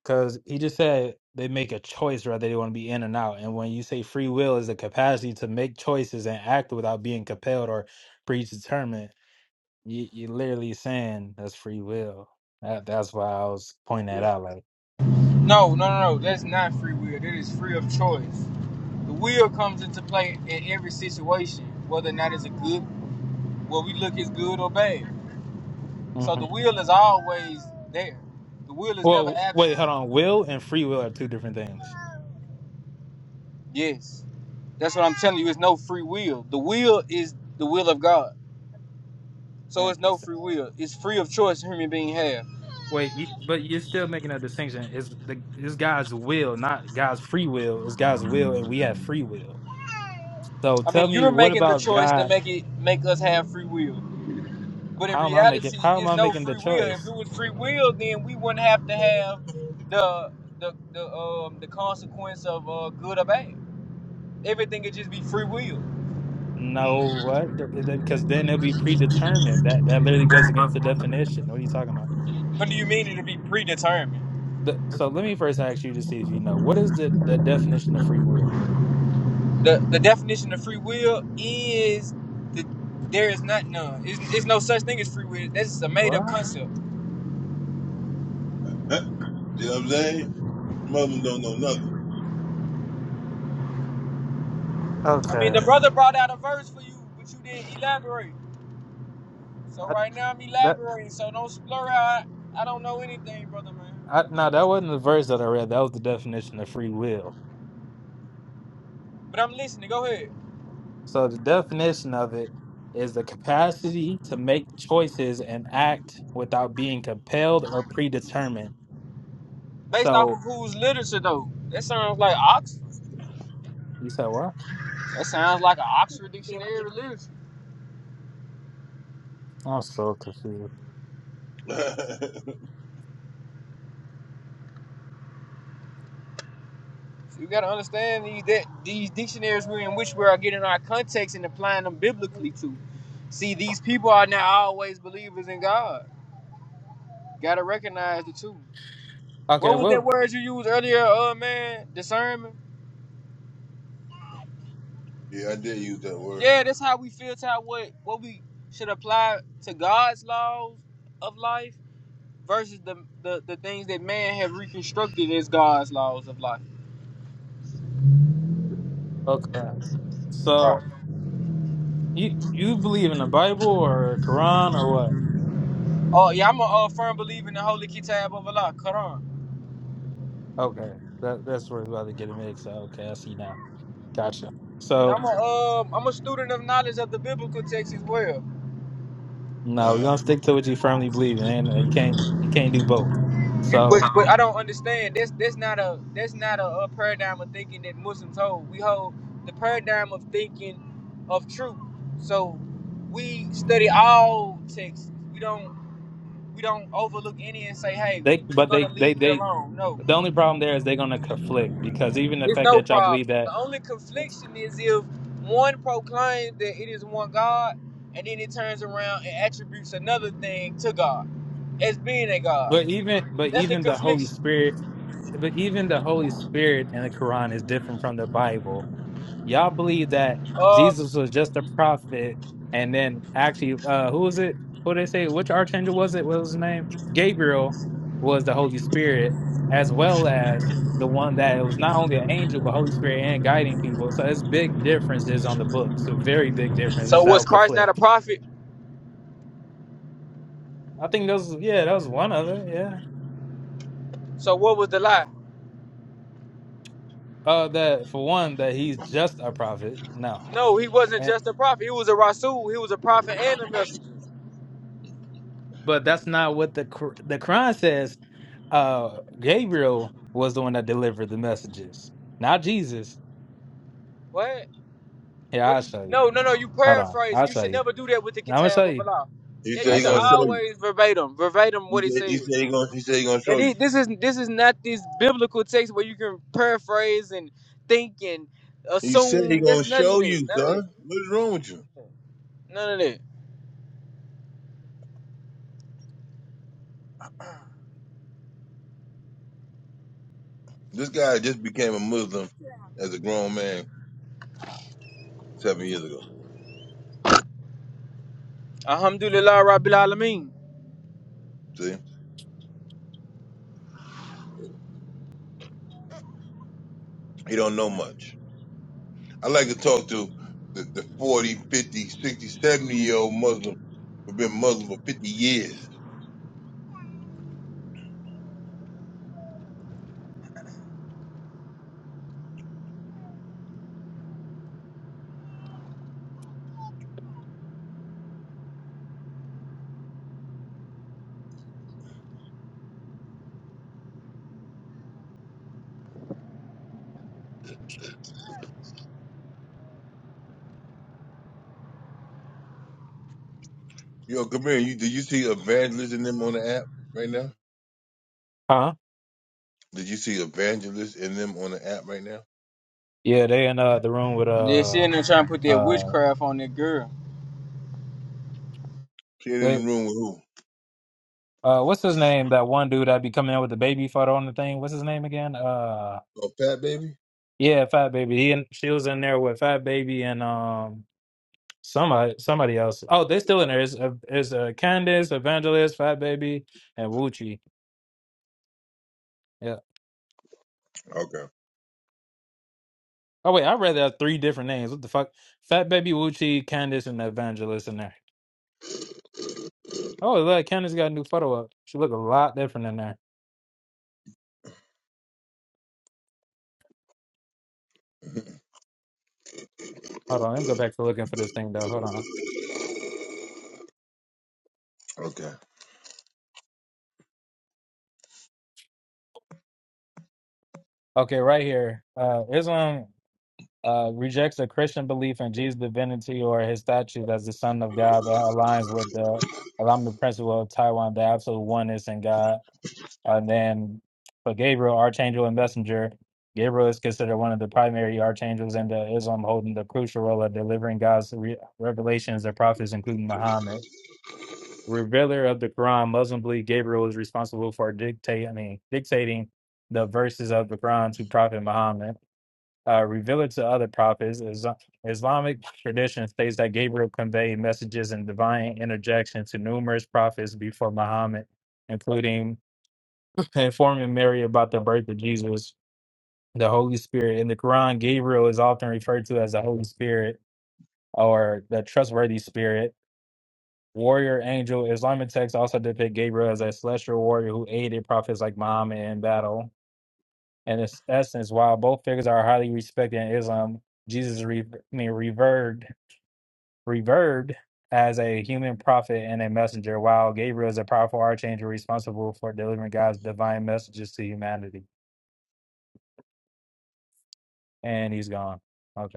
because he just said they make a choice whether they want to be in and out. And when you say free will is the capacity to make choices and act without being compelled or predetermined, you, you're literally saying that's free will. That, that's why I was pointing that
yeah.
out. Like,
No, no, no, no. That's not free will. That is free of choice. The will comes into play in every situation, whether or not it's a good, what we look is good or bad. So
hmm
the will is always there. The will is never
well,
absent.
wait, hold on. Will and free will are two different things.
Yes, that's what I'm telling you. It's no free will. The will is the will of God. So it's no
Interesting.
free will. It's free of choice a human being have.
Wait, you- but you're still making a distinction. It's the it's God's will, not God's free will. It's God's will, and we have free will. So
I mean,
tell
you're
me, what
making the
about
choice to
God?
make it make us have free will. But in
How am I making?
reality,
How am
it's
I
no
making the
free will. If
choice?
it was free will, then we wouldn't have to have the the the um the consequence of uh, good or bad. Everything could just be free will.
No, what? The- is that- Because then it'll be predetermined. That that literally goes against the definition. What are you talking about?
What do you mean it'll be predetermined?
The, so let me first ask you to see if you know what is the, the definition of free will.
The the definition of free will is the there is not none. It's, it's no such thing as free will. That's just a made up
Well,
concept.
Huh? You know what I'm saying? Muslims don't know nothing.
I mean,
okay,
the brother brought out a verse for you, but you didn't elaborate. So
I,
right now I'm
that
elaborating. So don't blur out. I don't know anything, brother man.
I, no, that wasn't the verse that I read. That was the definition of free will.
But I'm listening. Go ahead.
So the definition of it is the capacity to make choices and act without being compelled or predetermined.
Based off of
So
whose literature though? That sounds like Oxford.
you said what?
That sounds like an Oxford dictionary of Literature.
I'm so confused.
You gotta understand these that these dictionaries we in which we are getting our context and applying them biblically to. See, these people are not always believers in God. Gotta recognize the two.
Okay,
What was that
well,
word you used earlier, uh man? Discernment?
yeah, I did use that word.
Yeah, that's how we filter out what what we should apply to God's laws of life versus the the, the things that man have reconstructed as God's laws of life.
okay. So
Right.
you you believe in the Bible or Quran or what?
Oh yeah, I'm a uh, firm believer in the Holy Kitab of Allah, Quran.
Okay, that that's where we're about to get it mixed. Okay, I see now. Gotcha.
But
So.
I'm a um, I'm a student of knowledge of the biblical text as well.
No, we're
Nah.
gonna stick to what you firmly believe in. and uh, You can't you can't
Yeah.
do both.
You, but
So
but I don't understand. That's that's not a that's not a, a paradigm of thinking that Muslims hold. We hold the paradigm of thinking of truth. So we study all texts. We don't we don't overlook any and say, hey,
they
we're
but
gonna
they they
leave it
they
alone.
the
No.
only problem there is they're gonna conflict because even the
It's
fact
no
that y'all believe
problem.
that
The only confliction is if one proclaims that it is one God, and then it turns around and attributes another thing to God as being a God.
but even but
That's the
even the Holy
confliction.
Spirit but even the Holy Spirit in the Quran is different from the Bible. Y'all believe that
Um.
Jesus was just a prophet, and then actually, uh, who was it? Who they say? Which archangel was it? What was his name? Gabriel was the Holy Spirit, as well as the one that it was not only an angel but Holy Spirit and guiding people. So it's big differences on the books. So very big
So
differences that
was
would
Christ not
conflict.
a prophet?
I think those, yeah, that was one of it. Yeah,
So what was the lie?
uh, that for one that he's just a prophet. No,
No, he wasn't
and
just a prophet. He was a rasul. He was a prophet and a messenger.
but that's not what the Qu- the Quran says. uh Gabriel was the one that delivered the messages, not Jesus.
What?
Here,
What
I'll
do you?
show you.
No, no, no. You
Hold on,
paraphrase.
I'll
You
show
should
you.
never do that with the
I'm gonna show
Kitab of
you.
Allah.
He
Yeah, you
I'll
said he
should
show
gonna
you.
show you.
always verbatim, verbatim
He
what it
said he
says.
said he gonna he said he gonna show
That he-
you.
this is this is not this biblical text where you can paraphrase and think and
He said he
assume.
gonna
There's nothing
show
in it.
you,
None of that.
son. What's wrong with you?
None of that.
This guy just became a Muslim as a grown man seven years ago.
Alhamdulillah Rabbil Alameen.
See? He don't know much. I like to talk to the, the 40, fifty, sixty, seventy year old Muslim who've been Muslim for 50 years. Yo, come here. You, did you see evangelists in them on the app right now?
Huh?
Did you see evangelists in them on the app right now?
Yeah, they in uh the room with
They're
uh
sitting there trying to put that
uh
witchcraft on that girl.
Kid in the
they
room with who?
uh what's his name? That one dude that be coming in with the baby photo on the thing. What's his name again? Uh
Oh, Pat Baby?
yeah, Fat Baby. He and she was in there with Fat Baby and um somebody somebody else. Oh, they still in there. Is is uh, Candace Evangelist, Fat Baby, and Wuchi. Yeah.
Okay.
Oh wait, I read that three different names. What the fuck? Fat Baby Wuchi, Candace, and Evangelist in there. Oh look, Candace got a new photo up. She look a lot different in there. Hold on, let me go back to looking for this thing though. Hold on.
Okay.
Okay, right here. Uh, Islam uh, rejects the Christian belief in Jesus' divinity or his statue as the Son of God that aligns with the Islamic principle of Taiwan, the absolute oneness in God. And then for Gabriel, archangel and messenger, Gabriel is considered one of the primary archangels in the Islam, holding the crucial role of delivering God's re- revelations to prophets, including Muhammad. Revealer of the Quran, Muslim believe Gabriel is responsible for dictate, I mean, dictating the verses of the Quran to Prophet Muhammad. Uh, revealer to other prophets, Is- uh, Islamic tradition states that Gabriel conveyed messages and divine interjection to numerous prophets before Muhammad, including informing Mary about the birth of Jesus, the Holy Spirit. In the Quran, Gabriel is often referred to as the Holy Spirit or the trustworthy spirit, warrior angel. Islamic texts also depict Gabriel as a celestial warrior who aided prophets like Muhammad in battle. And in its essence, while both figures are highly respected in Islam, Jesus is re- I mean, revered, revered as a human prophet and a messenger, while Gabriel is a powerful archangel responsible for delivering God's divine messages to humanity. And he's gone. Okay.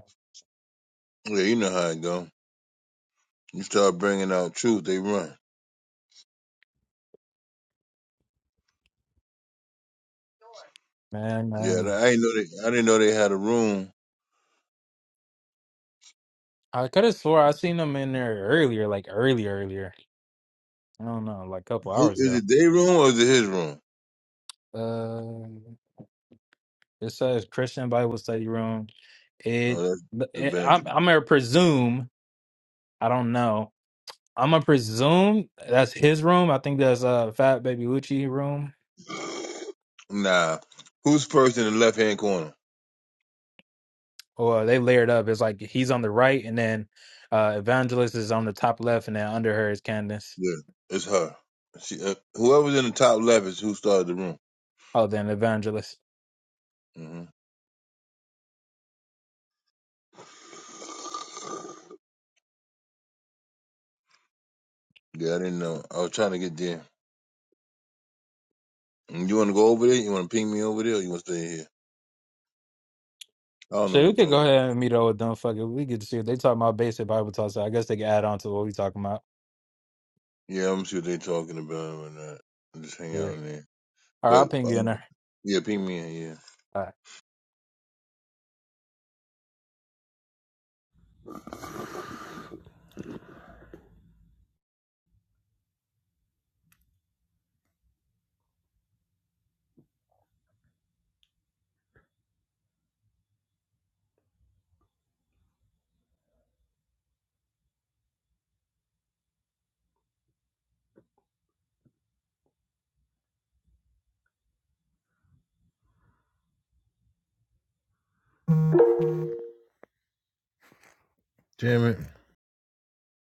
Yeah, you know how it go. You start bringing out truth, they run.
Man,
Yeah,
man.
I ain't know they, I didn't know they had a room
I could have swore I seen them in there earlier, like early, earlier. I don't know, like a couple
Who
hours
is
ago.
it? Their room or is it his room?
Uh, it says Christian Bible study room. It,
Oh, that's
it I'm,
Evangeline.
I'm gonna presume. I don't know. I'm gonna presume that's his room. I think that's uh Fat Baby Lucci room.
Nah, who's first in the left hand corner?
Or they layered up. It's like he's on the right, and then uh Evangelist is on the top left, and then under her is Candace.
Yeah, it's her. She, uh, whoever's in the top left is who started the room.
Oh, then Evangelist.
hmm Yeah, I didn't know. I was trying to get there. Mm, You want to go over there? You want to ping me over there? or You want to stay here? I don't know
So
what
we could
they're
go
talking.
ahead and meet up with them. Fuck it. We get to see what they talking about basic Bible talk. So I guess they can add on to what we talking about.
Yeah, I'm gonna see what they're talking about and whatnot. Just hang
Yeah.
out in there.
All right, I'll
But
ping
uh,
you in there.
yeah, ping me in. Yeah.
All right.
Damn it.